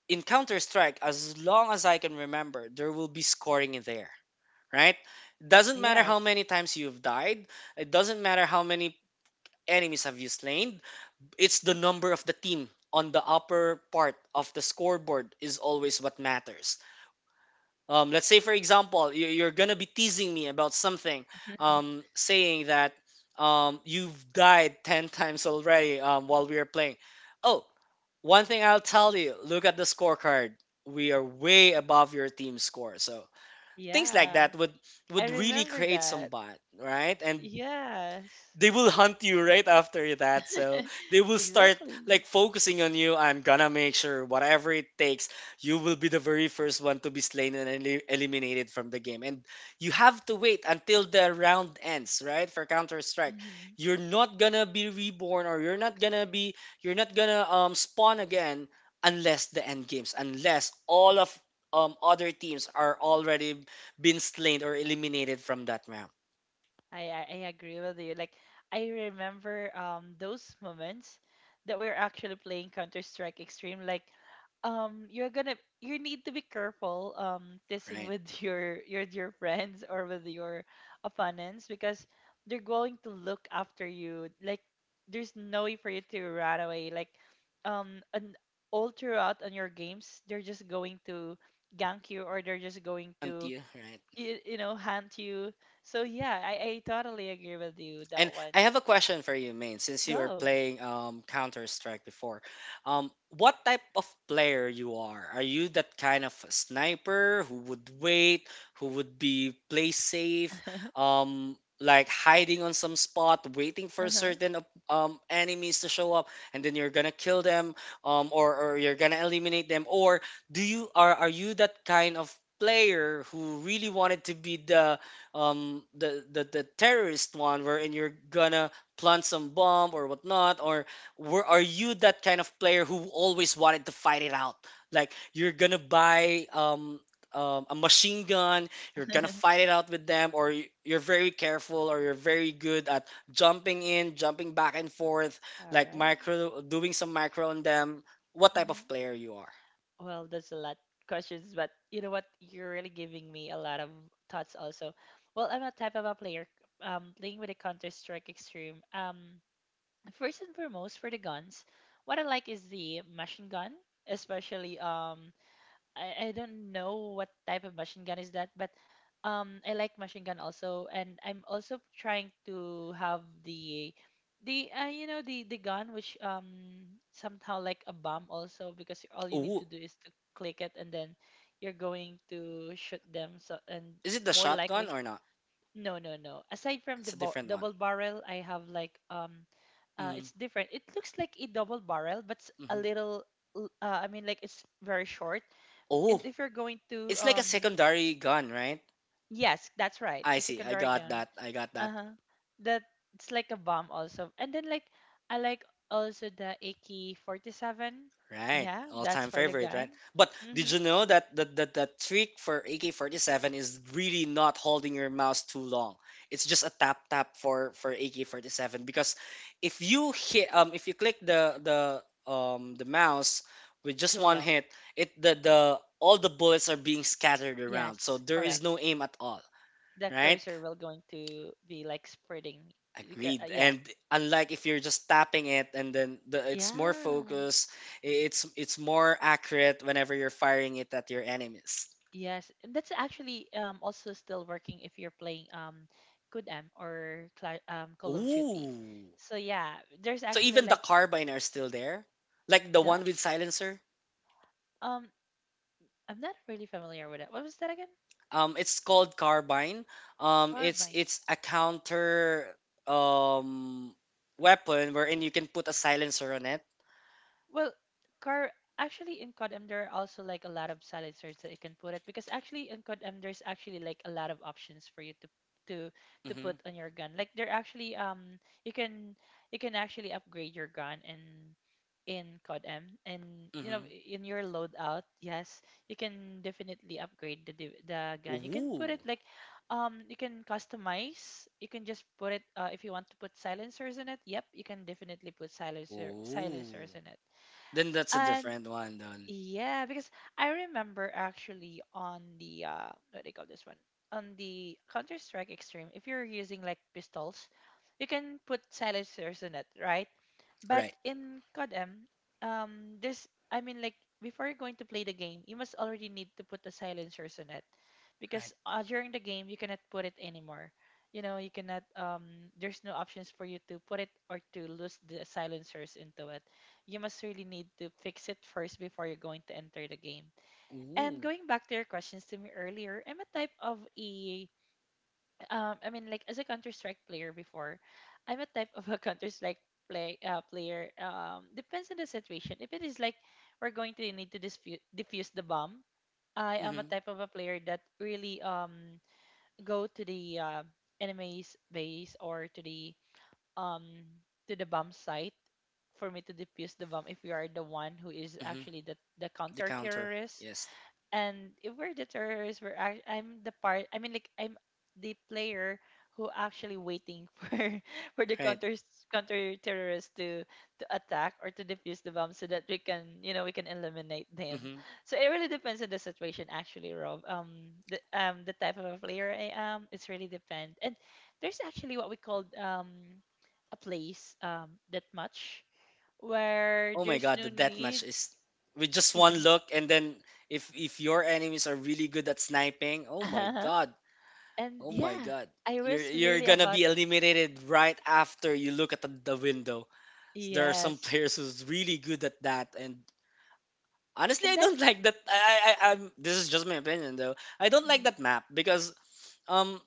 [SPEAKER 2] in Counter Strike, as long as I can remember, there will be scoring in there, right? Doesn't matter how
[SPEAKER 1] yes.
[SPEAKER 2] many times you've died, it doesn't matter how many enemies have you slain, it's the number of the team on the upper part of the scoreboard is always what matters. Um, let's say, for example, you- you're gonna be teasing me about something, um, saying that um, you've died ten times already um, while we are playing. Oh, one thing I'll tell you, look at the scorecard. We are way above your team's score. So things like
[SPEAKER 1] Yeah,
[SPEAKER 2] that would
[SPEAKER 1] I
[SPEAKER 2] would really
[SPEAKER 1] remember
[SPEAKER 2] create some
[SPEAKER 1] that.
[SPEAKER 2] bond, right? And
[SPEAKER 1] Yes.
[SPEAKER 2] they will hunt you right after that. So they will start
[SPEAKER 1] Exactly.
[SPEAKER 2] like focusing on you. I'm gonna make sure whatever it takes, you will be the very first one to be slain and eli- eliminated from the game. And you have to wait until the round ends, right? For Counter Strike,
[SPEAKER 1] Hmm.
[SPEAKER 2] you're not gonna be reborn or you're not gonna be you're not gonna um spawn again unless the end games, unless all of um other teams are already been slain or eliminated from that round,
[SPEAKER 1] I, I I agree with you. Like, I remember um those moments that we were actually playing Counter Strike Extreme. Like, um you're gonna, you need to be careful um testing
[SPEAKER 2] right?
[SPEAKER 1] with your your your friends or with your opponents, because they're going to look after you. Like, there's no way for you to run away. Like, um and all throughout on your games, they're just going to gank you, or they're just going to,
[SPEAKER 2] Until right.
[SPEAKER 1] you, you know haunt you. So yeah, I, I totally agree with you
[SPEAKER 2] And
[SPEAKER 1] that one.
[SPEAKER 2] I have a question for you, Main, since you were
[SPEAKER 1] Go.
[SPEAKER 2] playing um, Counter Strike before. Um, what type of player you are? Are you that kind of sniper who would wait, who would be play safe, um, like hiding on some spot, waiting for
[SPEAKER 1] Uh-huh.
[SPEAKER 2] certain op- um, enemies to show up, and then you're gonna kill them, um, or, or you're gonna eliminate them? Or do you are are you that kind of player who really wanted to be the um the, the the terrorist one wherein you're gonna plant some bomb or whatnot, or were are you that kind of player who always wanted to fight it out, like you're gonna buy um um, a machine gun, you're gonna fight it out with them, or y- you're very careful or you're very good at jumping in jumping back and forth
[SPEAKER 1] All
[SPEAKER 2] like
[SPEAKER 1] right.
[SPEAKER 2] micro doing some micro on them. What type of
[SPEAKER 1] Mm-hmm.
[SPEAKER 2] player you are?
[SPEAKER 1] Well, that's a lot questions, but you know what, you're really giving me a lot of thoughts also. Well, I'm a type of a player, um playing with the Counter Strike Extreme. Um first and foremost, for the guns, what I like is the machine gun. Especially um I, I don't know what type of machine gun is that, but um I like machine gun also, and I'm also trying to have the the uh, you know the the gun which um somehow like a bomb also, because all you need
[SPEAKER 2] Oh,
[SPEAKER 1] to do is to click it and then you're going to shoot them. So, and
[SPEAKER 2] is it the
[SPEAKER 1] more likely,
[SPEAKER 2] shotgun or not?
[SPEAKER 1] no no no aside from
[SPEAKER 2] It's
[SPEAKER 1] the
[SPEAKER 2] a
[SPEAKER 1] bo-
[SPEAKER 2] different one.
[SPEAKER 1] double barrel, I have like um uh
[SPEAKER 2] Mm,
[SPEAKER 1] it's different. It looks like a double barrel, but it's a
[SPEAKER 2] mm-hmm.
[SPEAKER 1] little l- uh, I mean, like, it's very short. And
[SPEAKER 2] Oh,
[SPEAKER 1] if you're going to
[SPEAKER 2] it's like a
[SPEAKER 1] um
[SPEAKER 2] secondary gun, right?
[SPEAKER 1] yes, that's right,
[SPEAKER 2] I
[SPEAKER 1] a
[SPEAKER 2] see. I
[SPEAKER 1] secondary
[SPEAKER 2] got
[SPEAKER 1] gun.
[SPEAKER 2] that. I got that.
[SPEAKER 1] Uh-huh. That, it's like a bomb also. And then like, I like also the A K forty-seven.
[SPEAKER 2] Right.
[SPEAKER 1] Yeah, that's
[SPEAKER 2] All-time
[SPEAKER 1] for the
[SPEAKER 2] favorite,
[SPEAKER 1] gun.
[SPEAKER 2] right? But did
[SPEAKER 1] Mm-hmm.
[SPEAKER 2] you know that the, the, the trick for A K forty-seven is really not holding your mouse too long. It's just a tap tap for for A K forty-seven because if you hit um if you click the the um the mouse with just
[SPEAKER 1] Too
[SPEAKER 2] one
[SPEAKER 1] long.
[SPEAKER 2] hit, it the the all the bullets are being scattered around. So
[SPEAKER 1] Yes,
[SPEAKER 2] there is
[SPEAKER 1] correct.
[SPEAKER 2] no aim at all,
[SPEAKER 1] The
[SPEAKER 2] right?
[SPEAKER 1] cursor will going to be like spreading. You ca- uh,
[SPEAKER 2] Agreed.
[SPEAKER 1] Yeah.
[SPEAKER 2] And unlike if you're just tapping it and then the, it's more
[SPEAKER 1] Yeah.
[SPEAKER 2] focused, i- it's it's more accurate whenever you're firing it at your enemies.
[SPEAKER 1] Yes. And that's actually um also still working if you're playing um Good M or Cla- um Call of Duty.
[SPEAKER 2] Ooh.
[SPEAKER 1] So yeah, there's
[SPEAKER 2] So
[SPEAKER 1] actually
[SPEAKER 2] even the
[SPEAKER 1] like,
[SPEAKER 2] carbine are still there? Like the
[SPEAKER 1] the?
[SPEAKER 2] one with silencer?
[SPEAKER 1] Um, I'm not really familiar with it. What was that again?
[SPEAKER 2] Um it's called carbine. Um it's
[SPEAKER 1] Carbine.
[SPEAKER 2] it's a counter um weapon wherein you can put a silencer on it.
[SPEAKER 1] Well, car actually in C O D M there are also like a lot of salad search that you can put it, because actually in C O D M there's actually like a lot of options for you to to to
[SPEAKER 2] Mhm.
[SPEAKER 1] put on your gun. Like, they're actually um you can, you can actually upgrade your gun in in C O D M, and you know,
[SPEAKER 2] Mhm.
[SPEAKER 1] in your loadout, yes, you can definitely upgrade the div- the gun. You can put
[SPEAKER 2] Ooh.
[SPEAKER 1] it like um you can customize. You can just put it, uh, if you want to put silencers in it. Yep, you can definitely put silencer
[SPEAKER 2] Ooh.
[SPEAKER 1] silencers in it.
[SPEAKER 2] Then that's a
[SPEAKER 1] And
[SPEAKER 2] different one then.
[SPEAKER 1] yeah, because I remember actually on the uh what do they call this one? On the Counter Strike Extreme, if you're using like pistols, you can put silencers in it, right? But
[SPEAKER 2] Right.
[SPEAKER 1] in C O D M, um there's, I mean, like, before you're going to play the game, you must already need to put the silencers in it.
[SPEAKER 2] Right.
[SPEAKER 1] Because uh, during the game you cannot put it anymore. You know, you cannot um there's no options for you to put it or to lose the silencers into it. You must really need to fix it first before you're going to enter the game. And
[SPEAKER 2] Ooh.
[SPEAKER 1] going back to your questions to me earlier, I'm a type of a um I mean, like, as a Counter Strike player before, I'm a type of a Counter Strike play uh, player. Um depends on the situation. If it is like we're going to need to dispute diffuse the bomb, I am a
[SPEAKER 2] Hmm.
[SPEAKER 1] type of a player that really um go to the uh, enemy's base, or to the um to the bomb site, for me to defuse the bomb, if we are the one who is
[SPEAKER 2] Hmm.
[SPEAKER 1] actually the the
[SPEAKER 2] The
[SPEAKER 1] counter
[SPEAKER 2] counter.
[SPEAKER 1] terrorist.
[SPEAKER 2] Yes.
[SPEAKER 1] And if we're the terrorists, we're act- I'm the part. I mean, like, I'm the player who actually waiting for for the
[SPEAKER 2] Right.
[SPEAKER 1] counter counter terrorists to to attack or to defuse the bomb, so that we can, you know, we can eliminate them.
[SPEAKER 2] Hmm.
[SPEAKER 1] So it really depends on the situation, actually, Rob. Um, the um the type of a player I am, it's really depend. And there's actually what we call um a place um that much, where
[SPEAKER 2] Oh my
[SPEAKER 1] there's
[SPEAKER 2] god,
[SPEAKER 1] no
[SPEAKER 2] the death match
[SPEAKER 1] need.
[SPEAKER 2] is with just one look, and then if if your enemies are really good at sniping, oh my
[SPEAKER 1] Uh-huh.
[SPEAKER 2] god,
[SPEAKER 1] And
[SPEAKER 2] oh my
[SPEAKER 1] yeah,
[SPEAKER 2] god,
[SPEAKER 1] I
[SPEAKER 2] you're
[SPEAKER 1] was
[SPEAKER 2] you're
[SPEAKER 1] really
[SPEAKER 2] gonna
[SPEAKER 1] about,
[SPEAKER 2] be eliminated right after you look at the, the window. There are some
[SPEAKER 1] yes.
[SPEAKER 2] players who's really good at that, and honestly, I
[SPEAKER 1] And that,
[SPEAKER 2] don't like that. I, I I- I'm this is just my opinion though. I don't like
[SPEAKER 1] mhm,
[SPEAKER 2] that map because um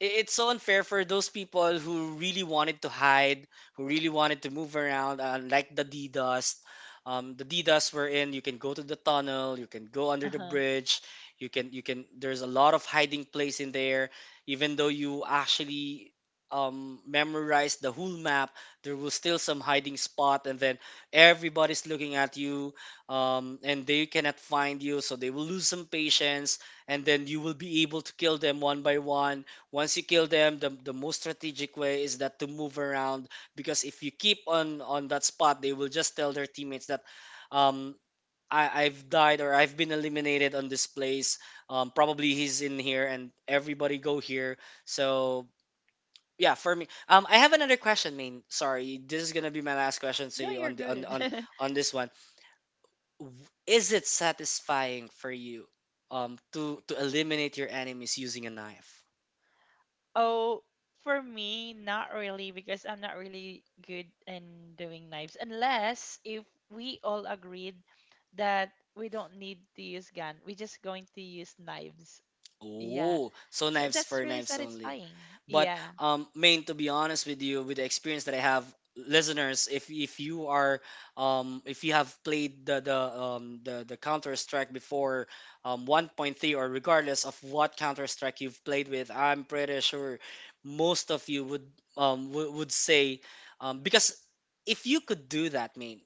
[SPEAKER 2] it's so unfair for those people who really wanted to hide, who really wanted to move around, uh, like the D dust. Um, the D dust wherein you can go to the tunnel, you can go under the
[SPEAKER 1] uh-huh.
[SPEAKER 2] bridge, you can you can. There's a lot of hiding place in there. Even though you actually um, memorize the whole map, there will still some hiding spot, and then everybody's looking at you, um, and they cannot find you, so they will lose some patience and then you will be able to kill them one by one once you kill them the, the most strategic way is that to move around because if you keep on on that spot they will just tell their teammates that um I, I've died or I've been eliminated on this place. Um, probably he's in here and everybody go here. So yeah, for me, um, I have another question. Main, sorry, this is gonna be my last question. So
[SPEAKER 1] No,
[SPEAKER 2] you
[SPEAKER 1] you're
[SPEAKER 2] on the, on
[SPEAKER 1] good.
[SPEAKER 2] on on this one, W- is it satisfying for you, um, to to eliminate your enemies using a knife?
[SPEAKER 1] Oh, for me, not really, because I'm not really good in doing knives, unless if we all agreed that we don't need to use gun. We're just going to use knives. Yeah.
[SPEAKER 2] Oh, so
[SPEAKER 1] So
[SPEAKER 2] knives
[SPEAKER 1] that's
[SPEAKER 2] for
[SPEAKER 1] really
[SPEAKER 2] knives only.
[SPEAKER 1] satisfying.
[SPEAKER 2] But
[SPEAKER 1] Yeah.
[SPEAKER 2] um, main, to be honest with you, with the experience that I have, listeners, if if you are um if you have played the the um the the Counter Strike before um one point three or regardless of what Counter Strike you've played with, I'm pretty sure most of you would um w- would say um because if you could do that, main,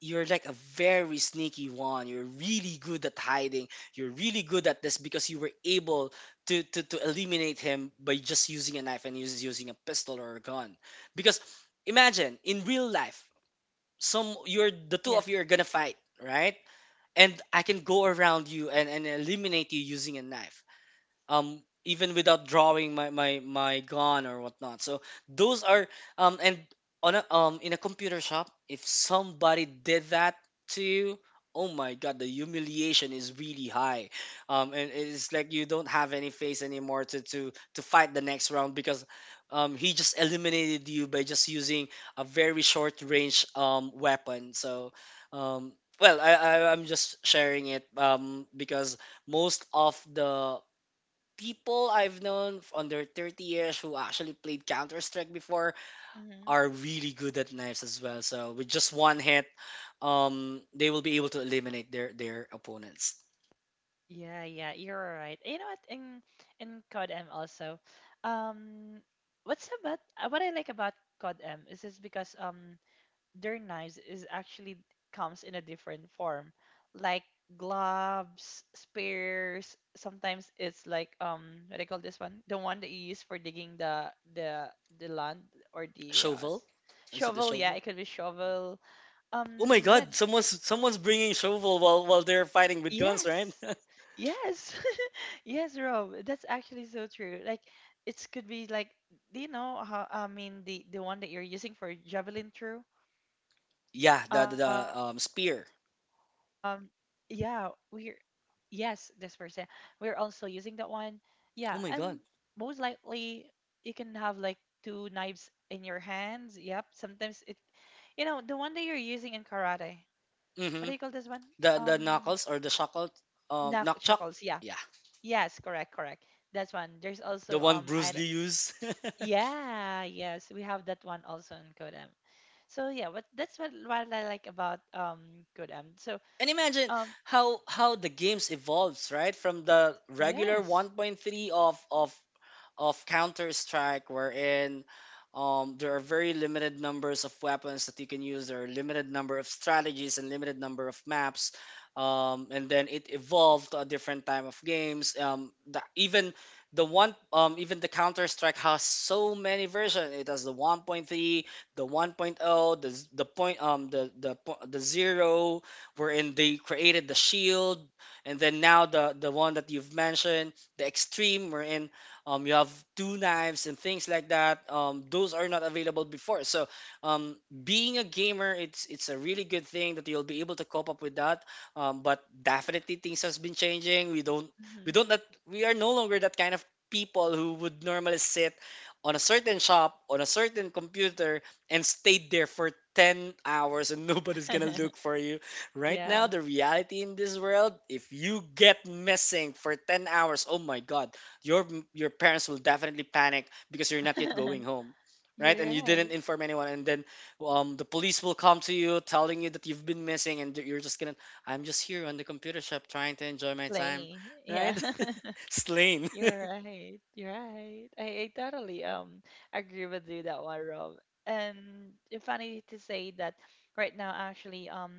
[SPEAKER 2] you're like a very sneaky one. You're really good at hiding, you're really good at this because you were able to, to, to eliminate him by just using a knife and us- using a pistol or a gun.
[SPEAKER 1] Hmm.
[SPEAKER 2] Because imagine in real life,
[SPEAKER 1] Yeah.
[SPEAKER 2] some you're the two of you are gonna fight, right? And I can go around you and, and eliminate you using a knife um even without drawing my my my gun or whatnot, so those are um and on a um in a computer shop if somebody did that to you, oh my god, the humiliation is really high, um and it's like you don't have any face anymore to to to fight the next round because um he just eliminated you by just using a very short range um weapon, so um well I, I i'm just sharing it um because most of the people I've known f- under thirty years who actually played Counter Strike before
[SPEAKER 1] Mm-hmm.
[SPEAKER 2] are really good at knives as well. So with just one hit, um, they will be able to eliminate their their opponents.
[SPEAKER 1] Yeah, yeah, you're right. You know what? In in C O D M also, um, what's about, uh, what I like about C O D M is is because um their knives is actually comes in a different form, like gloves, spears. Sometimes it's like um what do I call this one? The one that you use for digging the the the land or the, uh,
[SPEAKER 2] Shovel,
[SPEAKER 1] s-
[SPEAKER 2] is it the
[SPEAKER 1] shovel. Yeah,
[SPEAKER 2] shovel?
[SPEAKER 1] it could be shovel.
[SPEAKER 2] Oh my
[SPEAKER 1] Um, yeah,
[SPEAKER 2] God! Someone's someone's bringing shovel while while they're fighting with guns, right?
[SPEAKER 1] yes. Yes. Yes, Rob. That's actually so true. Like, it could be like, do you know how I mean the the one that you're using for javelin throw?
[SPEAKER 2] Yeah, the the,
[SPEAKER 1] Um
[SPEAKER 2] the um,
[SPEAKER 1] yeah,
[SPEAKER 2] spear.
[SPEAKER 1] we're, yes, this person. We're also using that one. Yeah, and
[SPEAKER 2] Oh my
[SPEAKER 1] most
[SPEAKER 2] God.
[SPEAKER 1] likely you can have like two knives in your hands. Yep. Sometimes it, you know, the one that you're using in karate. What do
[SPEAKER 2] Mm-hmm.
[SPEAKER 1] you call this one?
[SPEAKER 2] The the
[SPEAKER 1] Um
[SPEAKER 2] knuckles or the shackle, um,
[SPEAKER 1] knuck-
[SPEAKER 2] knock chuck.
[SPEAKER 1] chuckles. Yeah.
[SPEAKER 2] Yeah,
[SPEAKER 1] Yes, correct, correct. That's one. There's
[SPEAKER 2] the
[SPEAKER 1] also
[SPEAKER 2] one
[SPEAKER 1] um
[SPEAKER 2] Bruce
[SPEAKER 1] I,
[SPEAKER 2] Lee used.
[SPEAKER 1] yeah, yes, we have that one also in Kodam. So yeah, what that's what what I like about um Kodam. So
[SPEAKER 2] And imagine
[SPEAKER 1] um
[SPEAKER 2] how how the games evolves right from the regular
[SPEAKER 1] yes.
[SPEAKER 2] one point three of of of Counter Strike, wherein um, there are very limited numbers of weapons that you can use. There are limited number of strategies and limited number of maps. Um, and then it evolved to a different time of games. Um, the, even the one, um, even the Counter Strike has so many versions. It has the one point three, the 1.0, the z- the point, um, the the po- the zero, wherein they created the shield, and then now the the one that you've mentioned, the extreme, wherein um, you have two knives and things like that. Um, those are not available before. So um, being a gamer, it's it's a really good thing that you'll be able to cope up with that. Um, but definitely things has been changing. We don't we
[SPEAKER 1] Hmm.
[SPEAKER 2] don't that we are no longer that kind of people who would normally sit on a certain shop on a certain computer and stay there for ten hours and nobody's gonna look for you right
[SPEAKER 1] Yeah.
[SPEAKER 2] now. The reality in this world, if you get missing for ten hours, oh my god, your your parents will definitely panic because you're not yet going home, right? And
[SPEAKER 1] You're
[SPEAKER 2] you didn't
[SPEAKER 1] right.
[SPEAKER 2] inform anyone, and then um, the police will come to you telling you that you've been missing and you're just gonna, I'm just here on the computer shop trying to enjoy my time,
[SPEAKER 1] Play. Yeah.
[SPEAKER 2] right? Slain.
[SPEAKER 1] You're right. You're right. I, I totally um agree with you that one, Rob. And it's funny to say that right now, actually, um,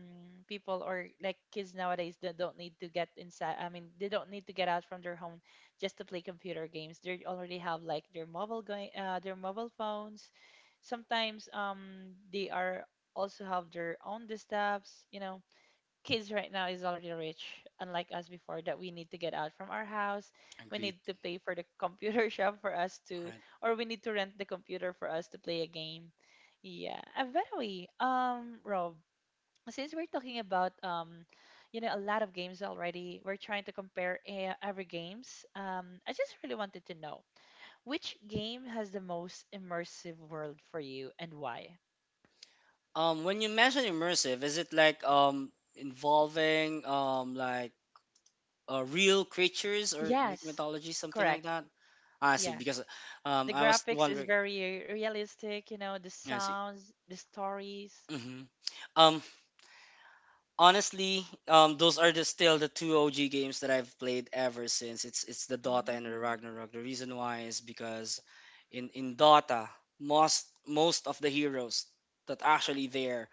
[SPEAKER 1] people, or like kids nowadays, that don't need to get inside. I mean, they don't need to get out from their home, just to play computer games. They already have like their mobile going, uh, their mobile phones. Sometimes um, they are also have their own desktops. You know, kids right now is already rich, unlike us before that we need to get out from our house. We
[SPEAKER 2] Agreed.
[SPEAKER 1] need to pay for the computer shop for us
[SPEAKER 2] All
[SPEAKER 1] to,
[SPEAKER 2] right.
[SPEAKER 1] or we need to rent the computer for us to play a game. Yeah. And by the way, um, Rob, since we're talking about, um, you know, a lot of games already, we're trying to compare, eh, every games. Um, I just really wanted to know, which game has the most immersive world for you and why?
[SPEAKER 2] Um, when you mention immersive, is it like um involving um like uh, real creatures or Greek
[SPEAKER 1] Yes.
[SPEAKER 2] mythology, something like
[SPEAKER 1] Correct.
[SPEAKER 2] that? Ah, I see.
[SPEAKER 1] Yeah.
[SPEAKER 2] Because um
[SPEAKER 1] The
[SPEAKER 2] I was
[SPEAKER 1] graphics is
[SPEAKER 2] wondering.
[SPEAKER 1] very realistic, you know, the
[SPEAKER 2] I see.
[SPEAKER 1] sounds, the stories.
[SPEAKER 2] Hmm. Um, honestly, um, those are the, still the two O G games that I've played ever since. It's it's the Dota and the
[SPEAKER 1] Mm.
[SPEAKER 2] Ragnarok. The reason why is because in in Dota, most most of the heroes that actually there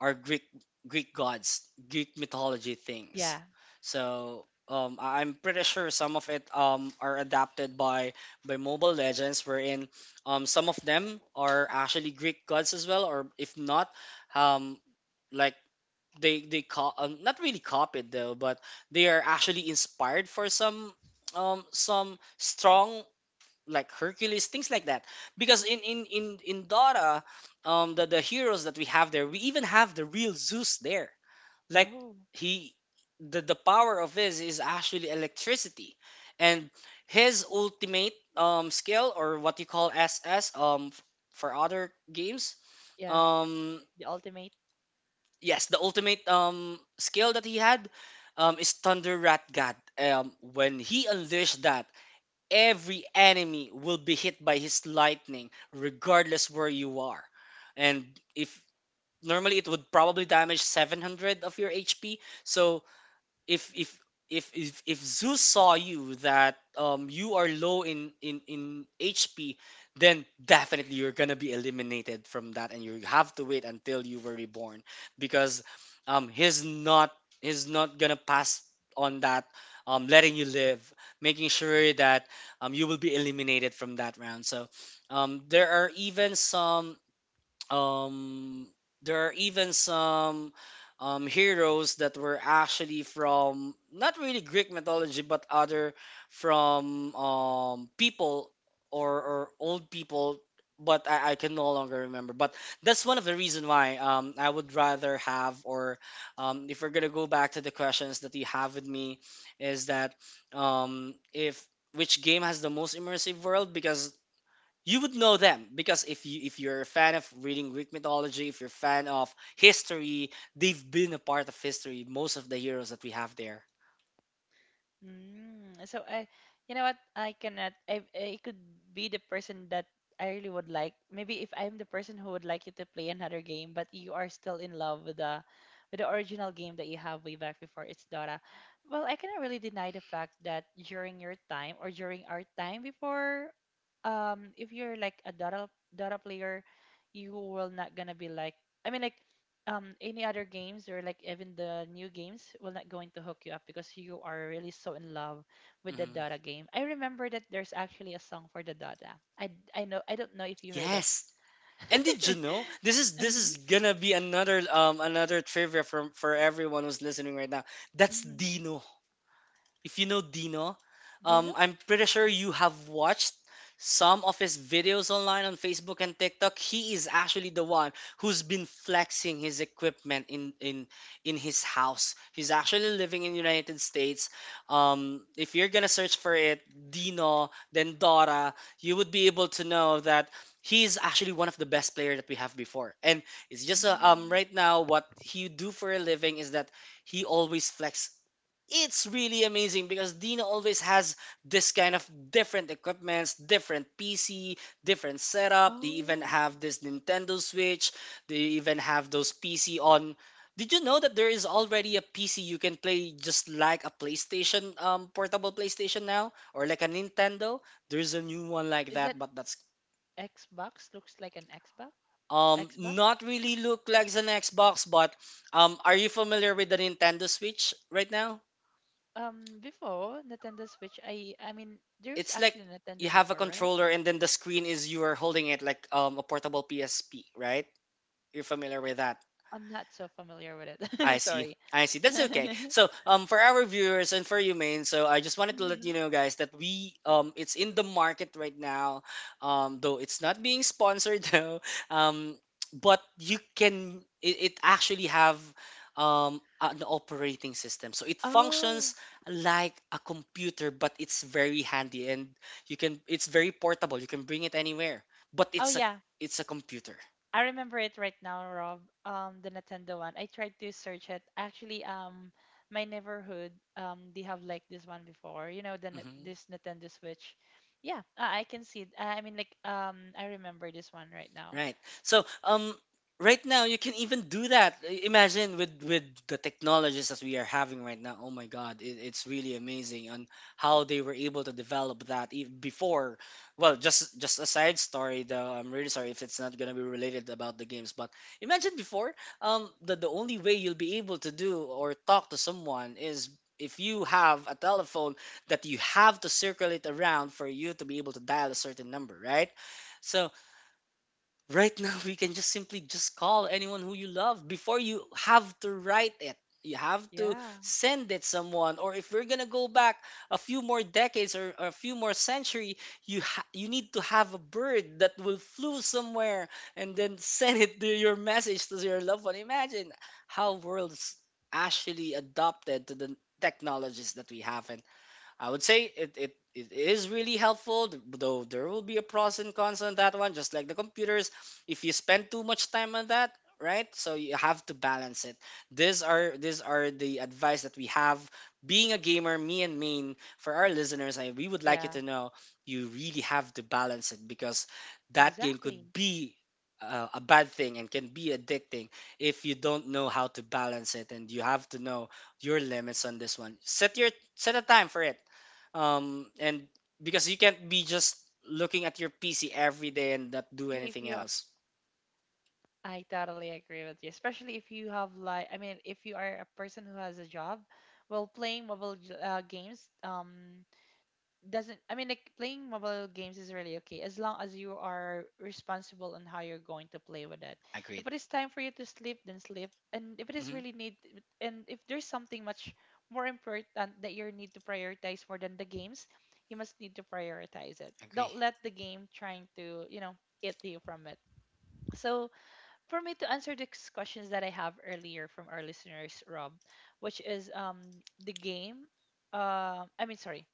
[SPEAKER 2] are Greek Greek gods, Greek mythology things.
[SPEAKER 1] Yeah.
[SPEAKER 2] So um, I- I'm pretty sure some of it um, are adapted by by Mobile Legends, wherein um, some of them are actually Greek gods as well, or if not, um, like they they co- um, not really copied though, but they are actually inspired for some um some strong, like Hercules things like that. Because in in in in Dora, um the the heroes that we have there, we even have the real Zeus there. Like
[SPEAKER 1] Oh,
[SPEAKER 2] he the the power of his is actually electricity, and his ultimate um skill or what you call S S um f- for other games.
[SPEAKER 1] yeah.
[SPEAKER 2] Um,
[SPEAKER 1] The ultimate.
[SPEAKER 2] yes, the ultimate um skill that he had um is Thunder Rat God. Um, when he unleashed that, every enemy will be hit by his lightning, regardless where you are. And if normally it would probably damage seven hundred of your H P, so if if if if, if Zeus saw you that um you are low in in in H P, then definitely you're gonna be eliminated from that, and you have to wait until you were reborn because um he's not he's not gonna pass on that um letting you live, making sure that um you will be eliminated from that round. So um, there are even some um there are even some um, heroes that were actually from not really Greek mythology but other from um, people or, or old people, but I, I can no longer remember, but that's one of the reason why um, I would rather have or um, if we're gonna go back to the questions that you have with me, is that um, if which game has the most immersive world, because you would know them because if you if you're a fan of reading Greek mythology, if you're a fan of history, they've been a part of history. Most of the heroes that we have there.
[SPEAKER 1] Mm, so I, you know what? I cannot. I I could be the person that I really would like. Maybe if I'm the person who would like you to play another game, but you are still in love with the with the original game that you have way back before. It's Dota. Well, I cannot really deny the fact that during your time, or during our time before, um, if you're like a Dota Dota player, you will not gonna be like. I mean, like, um any other games, or like even the new games, will not going to hook you up, because you are really so in love with the
[SPEAKER 2] Hmm.
[SPEAKER 1] Dota game. I remember that there's actually a song for the Dota. I I know, I don't know if you heard it.
[SPEAKER 2] Yes. And did you know, this is this
[SPEAKER 1] Mm-hmm,
[SPEAKER 2] is gonna be another um another trivia from for everyone who's listening right now. That's
[SPEAKER 1] mm-hmm.
[SPEAKER 2] Dino. If you know Dino,
[SPEAKER 1] Do you
[SPEAKER 2] um,
[SPEAKER 1] know?
[SPEAKER 2] I'm pretty sure you have watched some of his videos online on Facebook and TikTok. He is actually the one who's been flexing his equipment in in in his house. He's actually living in United States. Um, if you're gonna search for it, Dino, then Dora, you would be able to know that he's actually one of the best player that we have before. And it's just uh, um
[SPEAKER 1] Mm.
[SPEAKER 2] right now what he do for a living is that he always flex. It's really amazing because Dina always has this kind of different equipments, different P C, different setup. They even
[SPEAKER 1] Oh,
[SPEAKER 2] have this Nintendo Switch. They even have those P C on. Did you know that there is already a P C you can play just like a PlayStation, um, portable PlayStation now, or like a Nintendo? There's a new one like
[SPEAKER 1] is that
[SPEAKER 2] that, but that's
[SPEAKER 1] Xbox? Looks like an Xbox.
[SPEAKER 2] um
[SPEAKER 1] Xbox.
[SPEAKER 2] not really look like an Xbox. But um, Are you familiar with the Nintendo Switch right now?
[SPEAKER 1] Um, before Nintendo Switch, I I mean, there's
[SPEAKER 2] It's like
[SPEAKER 1] actually
[SPEAKER 2] you
[SPEAKER 1] Nintendo
[SPEAKER 2] have a
[SPEAKER 1] before, right?
[SPEAKER 2] controller and then the screen is you are holding it like um, a portable P S P, right? You're familiar with that.
[SPEAKER 1] I'm not so familiar with
[SPEAKER 2] I
[SPEAKER 1] it.
[SPEAKER 2] see.
[SPEAKER 1] Sorry.
[SPEAKER 2] I see. That's okay. So, um, for our viewers and for you, main. So, I just wanted to let you
[SPEAKER 1] Mhm.
[SPEAKER 2] know, guys, that we um, it's in the market right now. Um, though it's not being sponsored though. Um, but you can. It, it actually have um an operating system, so it functions
[SPEAKER 1] Oh.
[SPEAKER 2] like a computer, but it's very handy and you can. It's very portable. You can bring it anywhere, but
[SPEAKER 1] Oh
[SPEAKER 2] it's a
[SPEAKER 1] yeah,
[SPEAKER 2] it's a computer.
[SPEAKER 1] I remember it right now, Rob. Um, the Nintendo one. I tried to search it. Actually, um, my neighborhood, um, they have like this one before. You know, the Ni-
[SPEAKER 2] Mm-hmm.
[SPEAKER 1] this Nintendo Switch. Yeah, uh, I can see it. Uh, I mean, like, um, I remember this one right now.
[SPEAKER 2] Right. So, um, right now you can even do that. I- Imagine with with the technologies that we are having right now. Oh my God, it, it's really amazing on how they were able to develop that ev- before. Well, just just a side story though. I'm really sorry if it's not gonna be related about the games, but imagine before, um, the the only way you'll be able to do or talk to someone is if you have a telephone that you have to circle it around for you to be able to dial a certain number, right? So right now, we can just simply just call anyone who you love before you have to write it. You have to
[SPEAKER 1] Yeah,
[SPEAKER 2] send it someone, or if we're gonna go back a few more decades or, or a few more century, you ha- you need to have a bird that will flew somewhere and then send it to your message to your loved one. Imagine how worlds actually adopted to the technologies that we have. I would say it, it, it is really helpful, th- though there will be a pros and cons on that one, just like the computers. If you spend too much time on that, right? So you have to balance it. These are these are the advice that we have. Being a gamer, me and Main, for our listeners, I, we would like you
[SPEAKER 1] yeah,
[SPEAKER 2] to know you really have to balance it because that game could
[SPEAKER 1] exactly.
[SPEAKER 2] be uh, a bad thing and can be addicting if you don't know how to balance it and you have to know your limits on this one. Set your set a time for it um and
[SPEAKER 1] Yeah, I
[SPEAKER 2] because you
[SPEAKER 1] totally
[SPEAKER 2] can't be
[SPEAKER 1] agree with
[SPEAKER 2] just
[SPEAKER 1] you, Rob.
[SPEAKER 2] looking at your
[SPEAKER 1] Um,
[SPEAKER 2] PC
[SPEAKER 1] especially
[SPEAKER 2] every
[SPEAKER 1] if
[SPEAKER 2] day
[SPEAKER 1] you
[SPEAKER 2] and not
[SPEAKER 1] are,
[SPEAKER 2] do anything else.
[SPEAKER 1] I totally agree with you. Especially if you have like, I mean, if you are a person who has a job, well, playing mobile j- uh, games, um, doesn't, I mean, like, playing mobile games is really okay, as long as you are responsible on how you're going to play with it.
[SPEAKER 2] Agreed.
[SPEAKER 1] If it is time for you to sleep, then sleep. And if it is
[SPEAKER 2] Mm-hmm.
[SPEAKER 1] really need, and if there's something much more important that you need to prioritize more than the games, you must need to prioritize it.
[SPEAKER 2] Agree.
[SPEAKER 1] Don't let the game trying to, you know, eat you from it. So for me to answer these questions that I have earlier from our listeners, Rob, which is um the game uh, I mean, sorry,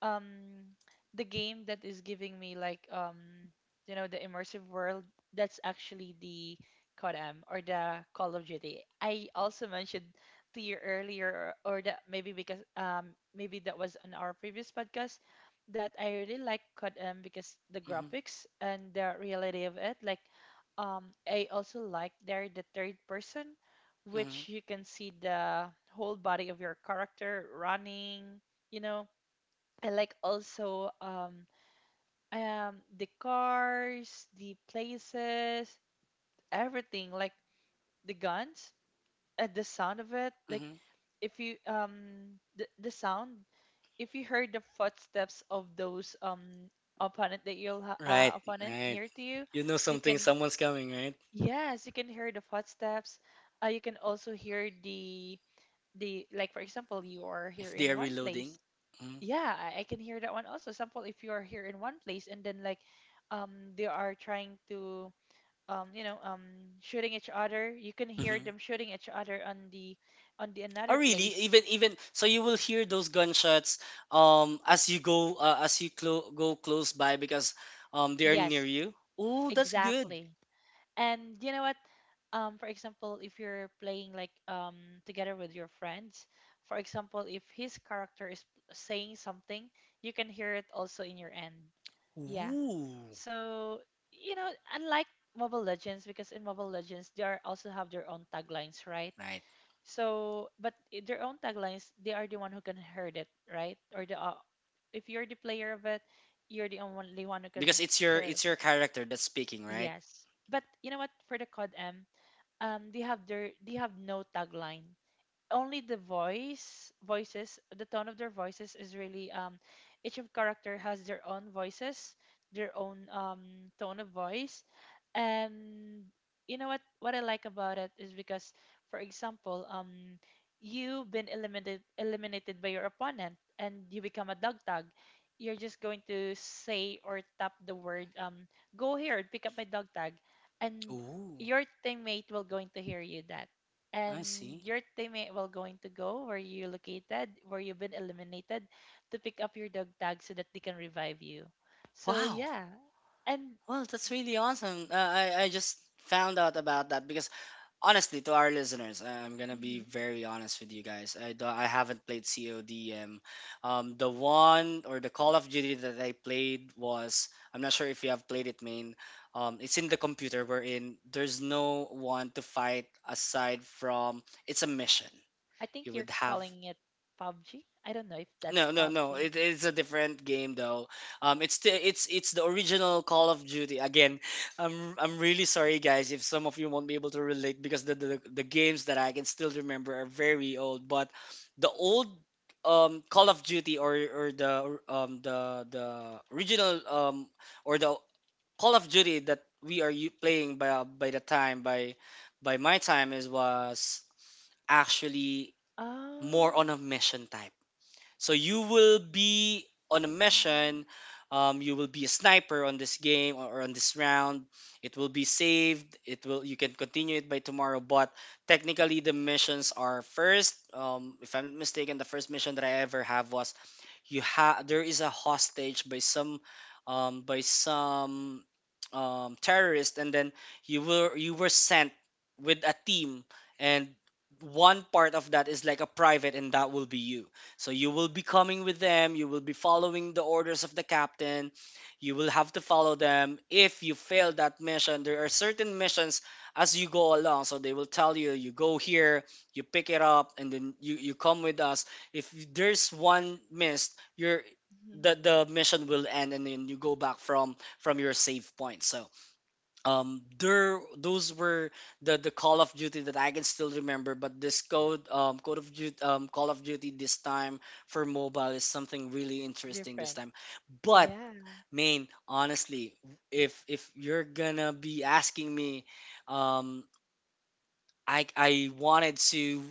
[SPEAKER 1] um the game that is giving me like um you know the immersive world, that's actually the C O D M or the Call of Duty. I also mentioned to you earlier or, or that maybe because um maybe that was on our previous podcast that I really like C O D M because the
[SPEAKER 2] Mm-hmm.
[SPEAKER 1] graphics and the reality of it. Like, um I also like there the third person,
[SPEAKER 2] Mm-hmm.
[SPEAKER 1] which you can see the whole body of your character running you know I like also um um the cars, the places, everything, like the guns and the sound of it. Like,
[SPEAKER 2] Mm-hmm.
[SPEAKER 1] if you um the, the sound, if you heard the footsteps of those um opponent that you'll ha- uh,
[SPEAKER 2] Right.
[SPEAKER 1] opponent
[SPEAKER 2] Right.
[SPEAKER 1] near to you,
[SPEAKER 2] You know,
[SPEAKER 1] you
[SPEAKER 2] something,
[SPEAKER 1] can,
[SPEAKER 2] someone's coming, right?
[SPEAKER 1] yes, you can hear the footsteps. Uh, you can also hear the the like, for example, you are here
[SPEAKER 2] If
[SPEAKER 1] in
[SPEAKER 2] they are
[SPEAKER 1] one
[SPEAKER 2] reloading.
[SPEAKER 1] place.
[SPEAKER 2] Mm-hmm.
[SPEAKER 1] Yeah, I, I can hear that one also. Example, if you are here in one place and then, like, um they are trying to um you know um shooting each other, you can hear
[SPEAKER 2] Mm-hmm.
[SPEAKER 1] them shooting each other on the on the
[SPEAKER 2] Oh
[SPEAKER 1] another
[SPEAKER 2] really,
[SPEAKER 1] place.
[SPEAKER 2] even even so you will hear those gunshots um as you go uh, as you clo- go close by because um they are near
[SPEAKER 1] Yes,
[SPEAKER 2] you. Oh, that's good.
[SPEAKER 1] exactly. And you know what? Um for example, if you're playing, like, um together with your friends, for example, if his character is saying something, you can hear it also in your end. Yeah.
[SPEAKER 2] Ooh,
[SPEAKER 1] So, you know, unlike Mobile Legends, because in Mobile Legends they are also have their own taglines, right?
[SPEAKER 2] right,
[SPEAKER 1] So, but i- their own taglines, they are the one who can heard it, right? Or the uh, if you're the player of it, you're the only one who can
[SPEAKER 2] because it's your
[SPEAKER 1] hear of
[SPEAKER 2] it's your
[SPEAKER 1] it.
[SPEAKER 2] character that's speaking, right?
[SPEAKER 1] Yes. But you know what? For the CodM, um, they have their they have no tagline, only the voice voices, the tone of their voices is really um each of character has their own voices, their own um tone of voice. And you know what what I like about it is because, for example, um you've been eliminated eliminated by your opponent and you become a dog tag, you're just going to say or tap the word, um go here and pick up my dog tag. And
[SPEAKER 2] Ooh.
[SPEAKER 1] your teammate will going to hear you that,
[SPEAKER 2] I
[SPEAKER 1] and
[SPEAKER 2] see.
[SPEAKER 1] your teammate will going to go where you located, where you've been eliminated, to pick up your dog tag so that they can revive you. So
[SPEAKER 2] Wow.
[SPEAKER 1] yeah, and
[SPEAKER 2] Well, that's really awesome. Uh, I I just found out about that because honestly, to our listeners, uh, I'm gonna be
[SPEAKER 1] mhm,
[SPEAKER 2] very honest with you guys. I do, I haven't played C O D M. Um, the one or the Call of Duty that I played was I'm not sure if you have played it, main. Um, it's in the computer wherein there's no one to fight aside from it's a mission.
[SPEAKER 1] I think
[SPEAKER 2] You
[SPEAKER 1] you're
[SPEAKER 2] would have.
[SPEAKER 1] calling it P U B G. I don't know if that's
[SPEAKER 2] No, no, no.
[SPEAKER 1] P U B G.
[SPEAKER 2] It is a different game though. Um, it's the it's it's the original Call of Duty. Again, I'm I'm really sorry guys if some of you won't be able to relate because the the, the games that I can still remember are very old. But the old um Call of Duty or or the um the the original um or the Call of Duty that we are u- playing by by the time by by my time is was actually
[SPEAKER 1] Oh,
[SPEAKER 2] more on a mission type, so you will
[SPEAKER 1] mm,
[SPEAKER 2] be on a mission. Um, you will be a sniper on this game or or on this round. It will be saved. It will you can continue it by tomorrow. But technically, the missions are first. Um, if I'm not mistaken, the first mission that I ever have was you have there is a hostage by some um, by some um, terrorist, and then you were you were sent with a team, and one part of that is like a private, and that will be you. So you will be coming with them, you will be following the orders of the captain, you will have to follow them. If you fail that mission, there are certain missions as you go along. So they will tell you, you go here, you pick it up, and then you, you come with us. If there's one missed, you're
[SPEAKER 1] mhm,
[SPEAKER 2] the, the mission will end and then you go back from from your save point. So um there, those were the the call of Duty that I can still remember. But this code um code of duty um Call of Duty this time for mobile is something really interesting this
[SPEAKER 1] different.
[SPEAKER 2] time. But
[SPEAKER 1] Yeah,
[SPEAKER 2] main honestly, if if you're gonna be asking me, um i i wanted to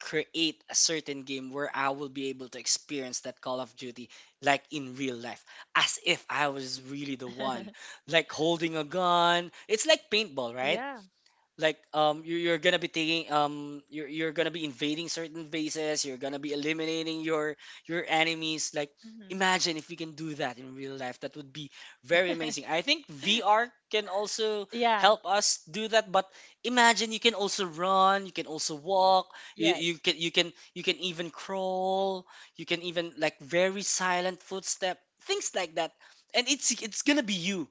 [SPEAKER 2] create a certain game where I will be able to experience that Call of Duty like in real life, as if I was really the one like holding a gun. It's like paintball, right?
[SPEAKER 1] yeah,
[SPEAKER 2] Like um you you're gonna be taking, um you're, you're gonna be invading certain bases, you're gonna be eliminating your your enemies like
[SPEAKER 1] mhm.
[SPEAKER 2] imagine if we can do that in real life. That would be very amazing. I think VR can also
[SPEAKER 1] yeah.
[SPEAKER 2] help us do that. But imagine you can also run, you can also walk, you, you
[SPEAKER 1] Yes.
[SPEAKER 2] can you can you can even crawl, you can even like very silent footstep, things like that. And it's it's gonna be you.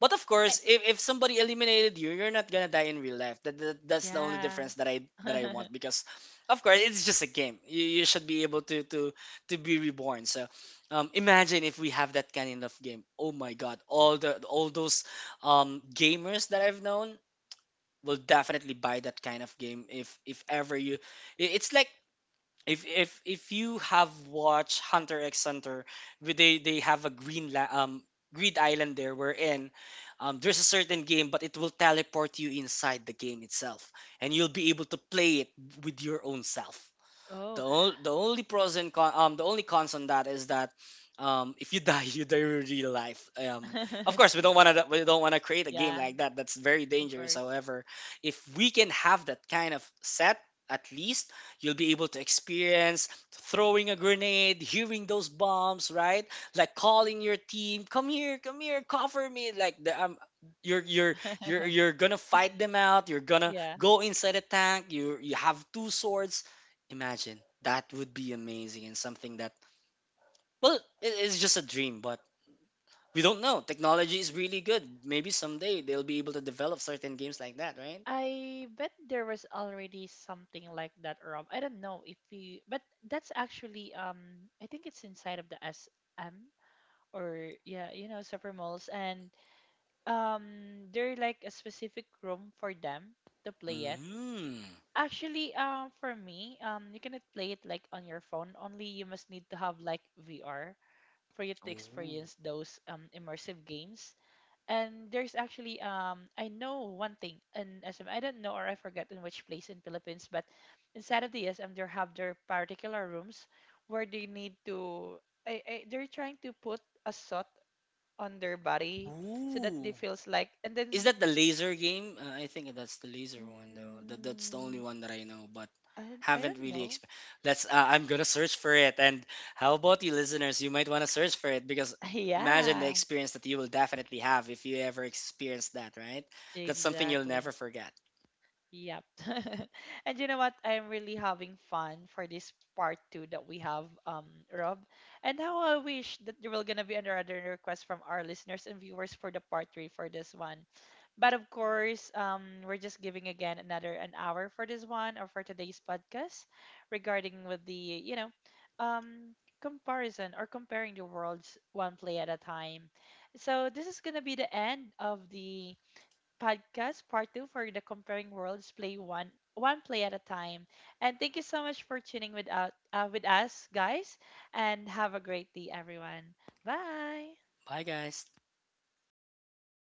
[SPEAKER 2] But of
[SPEAKER 1] I,
[SPEAKER 2] course, if, if somebody eliminated you, you're not gonna die in real life. That, that that's the only
[SPEAKER 1] yeah.
[SPEAKER 2] difference that I that I want because, of course, it's just a game. You, you should be able to to to be reborn. So, um, imagine if we have that kind of game. Oh my God! All the all those um gamers that I've known will definitely buy that kind of game if if ever you. i- It's like if if if you have watched Hunter X Hunter, where they they have a green la- um grid island there wherein um, there's a certain game, but it will teleport you inside the game itself, and you'll be able to play it with your own self.
[SPEAKER 1] oh.
[SPEAKER 2] The only the only pros and con um the only cons on that is that um if you die you die in real life. Um of course we don't want to we don't want to create a game
[SPEAKER 1] yeah.
[SPEAKER 2] like that. That's very
[SPEAKER 1] Of
[SPEAKER 2] dangerous.
[SPEAKER 1] course.
[SPEAKER 2] However, if we can have that kind of set, at least you'll be able to experience throwing a grenade, hearing those bombs, right? Like calling your team, come here, come here, cover me. Like the um, you're you're you're you're gonna fight them out. You're gonna
[SPEAKER 1] yeah.
[SPEAKER 2] go inside a tank. You you have two swords. Imagine that would be amazing and something that, well, it is just a dream, but we don't know. Technology is really good. Maybe someday they'll be able to develop certain games like that, right?
[SPEAKER 1] I bet there was already something like that, Rob. I don't know if you, but that's actually, um, I think it's inside of the S M, or yeah, you know, super malls, and um, they're like a specific room for them to play it.
[SPEAKER 2] Mm.
[SPEAKER 1] Actually, um, for me, um, you cannot play it like on your phone. Only you must need to have like V R for you to
[SPEAKER 2] Ooh.
[SPEAKER 1] experience those um immersive games. And there's actually um I know one thing in S M, I don't know or I forget in which place in Philippines, but inside of the S M they have their particular rooms where they need to, I, I, they're trying to put a salt on their body so that they
[SPEAKER 2] Ooh.
[SPEAKER 1] feels like, and
[SPEAKER 2] Is
[SPEAKER 1] then
[SPEAKER 2] that the laser game? Uh, I think that's the laser one though. That that's the only
[SPEAKER 1] mm,
[SPEAKER 2] one that I know, but
[SPEAKER 1] I, I
[SPEAKER 2] haven't
[SPEAKER 1] don't
[SPEAKER 2] really
[SPEAKER 1] know.
[SPEAKER 2] exp- Let's uh, I'm going to search for it. And how about you listeners? You might want to search for it because imagine the
[SPEAKER 1] Yeah,
[SPEAKER 2] experience that you will definitely have if you ever experience that, right? That's something you'll
[SPEAKER 1] exactly.
[SPEAKER 2] never forget.
[SPEAKER 1] Yep. And you know what? I'm really having fun for this part two that we have, um, Rob. And how I wish that there will gonna be another request from our listeners and viewers for the part three for this one. But of course, um, we're just giving again another an hour for this one or for today's podcast regarding with the, you know, um, comparison or comparing the worlds one play at a time. So this is gonna be the end of the podcast part two for the Comparing Worlds Play One One Play at a Time. And thank you so much for tuning with out uh, with us, guys, and have a great day, everyone. Bye.
[SPEAKER 2] Bye guys.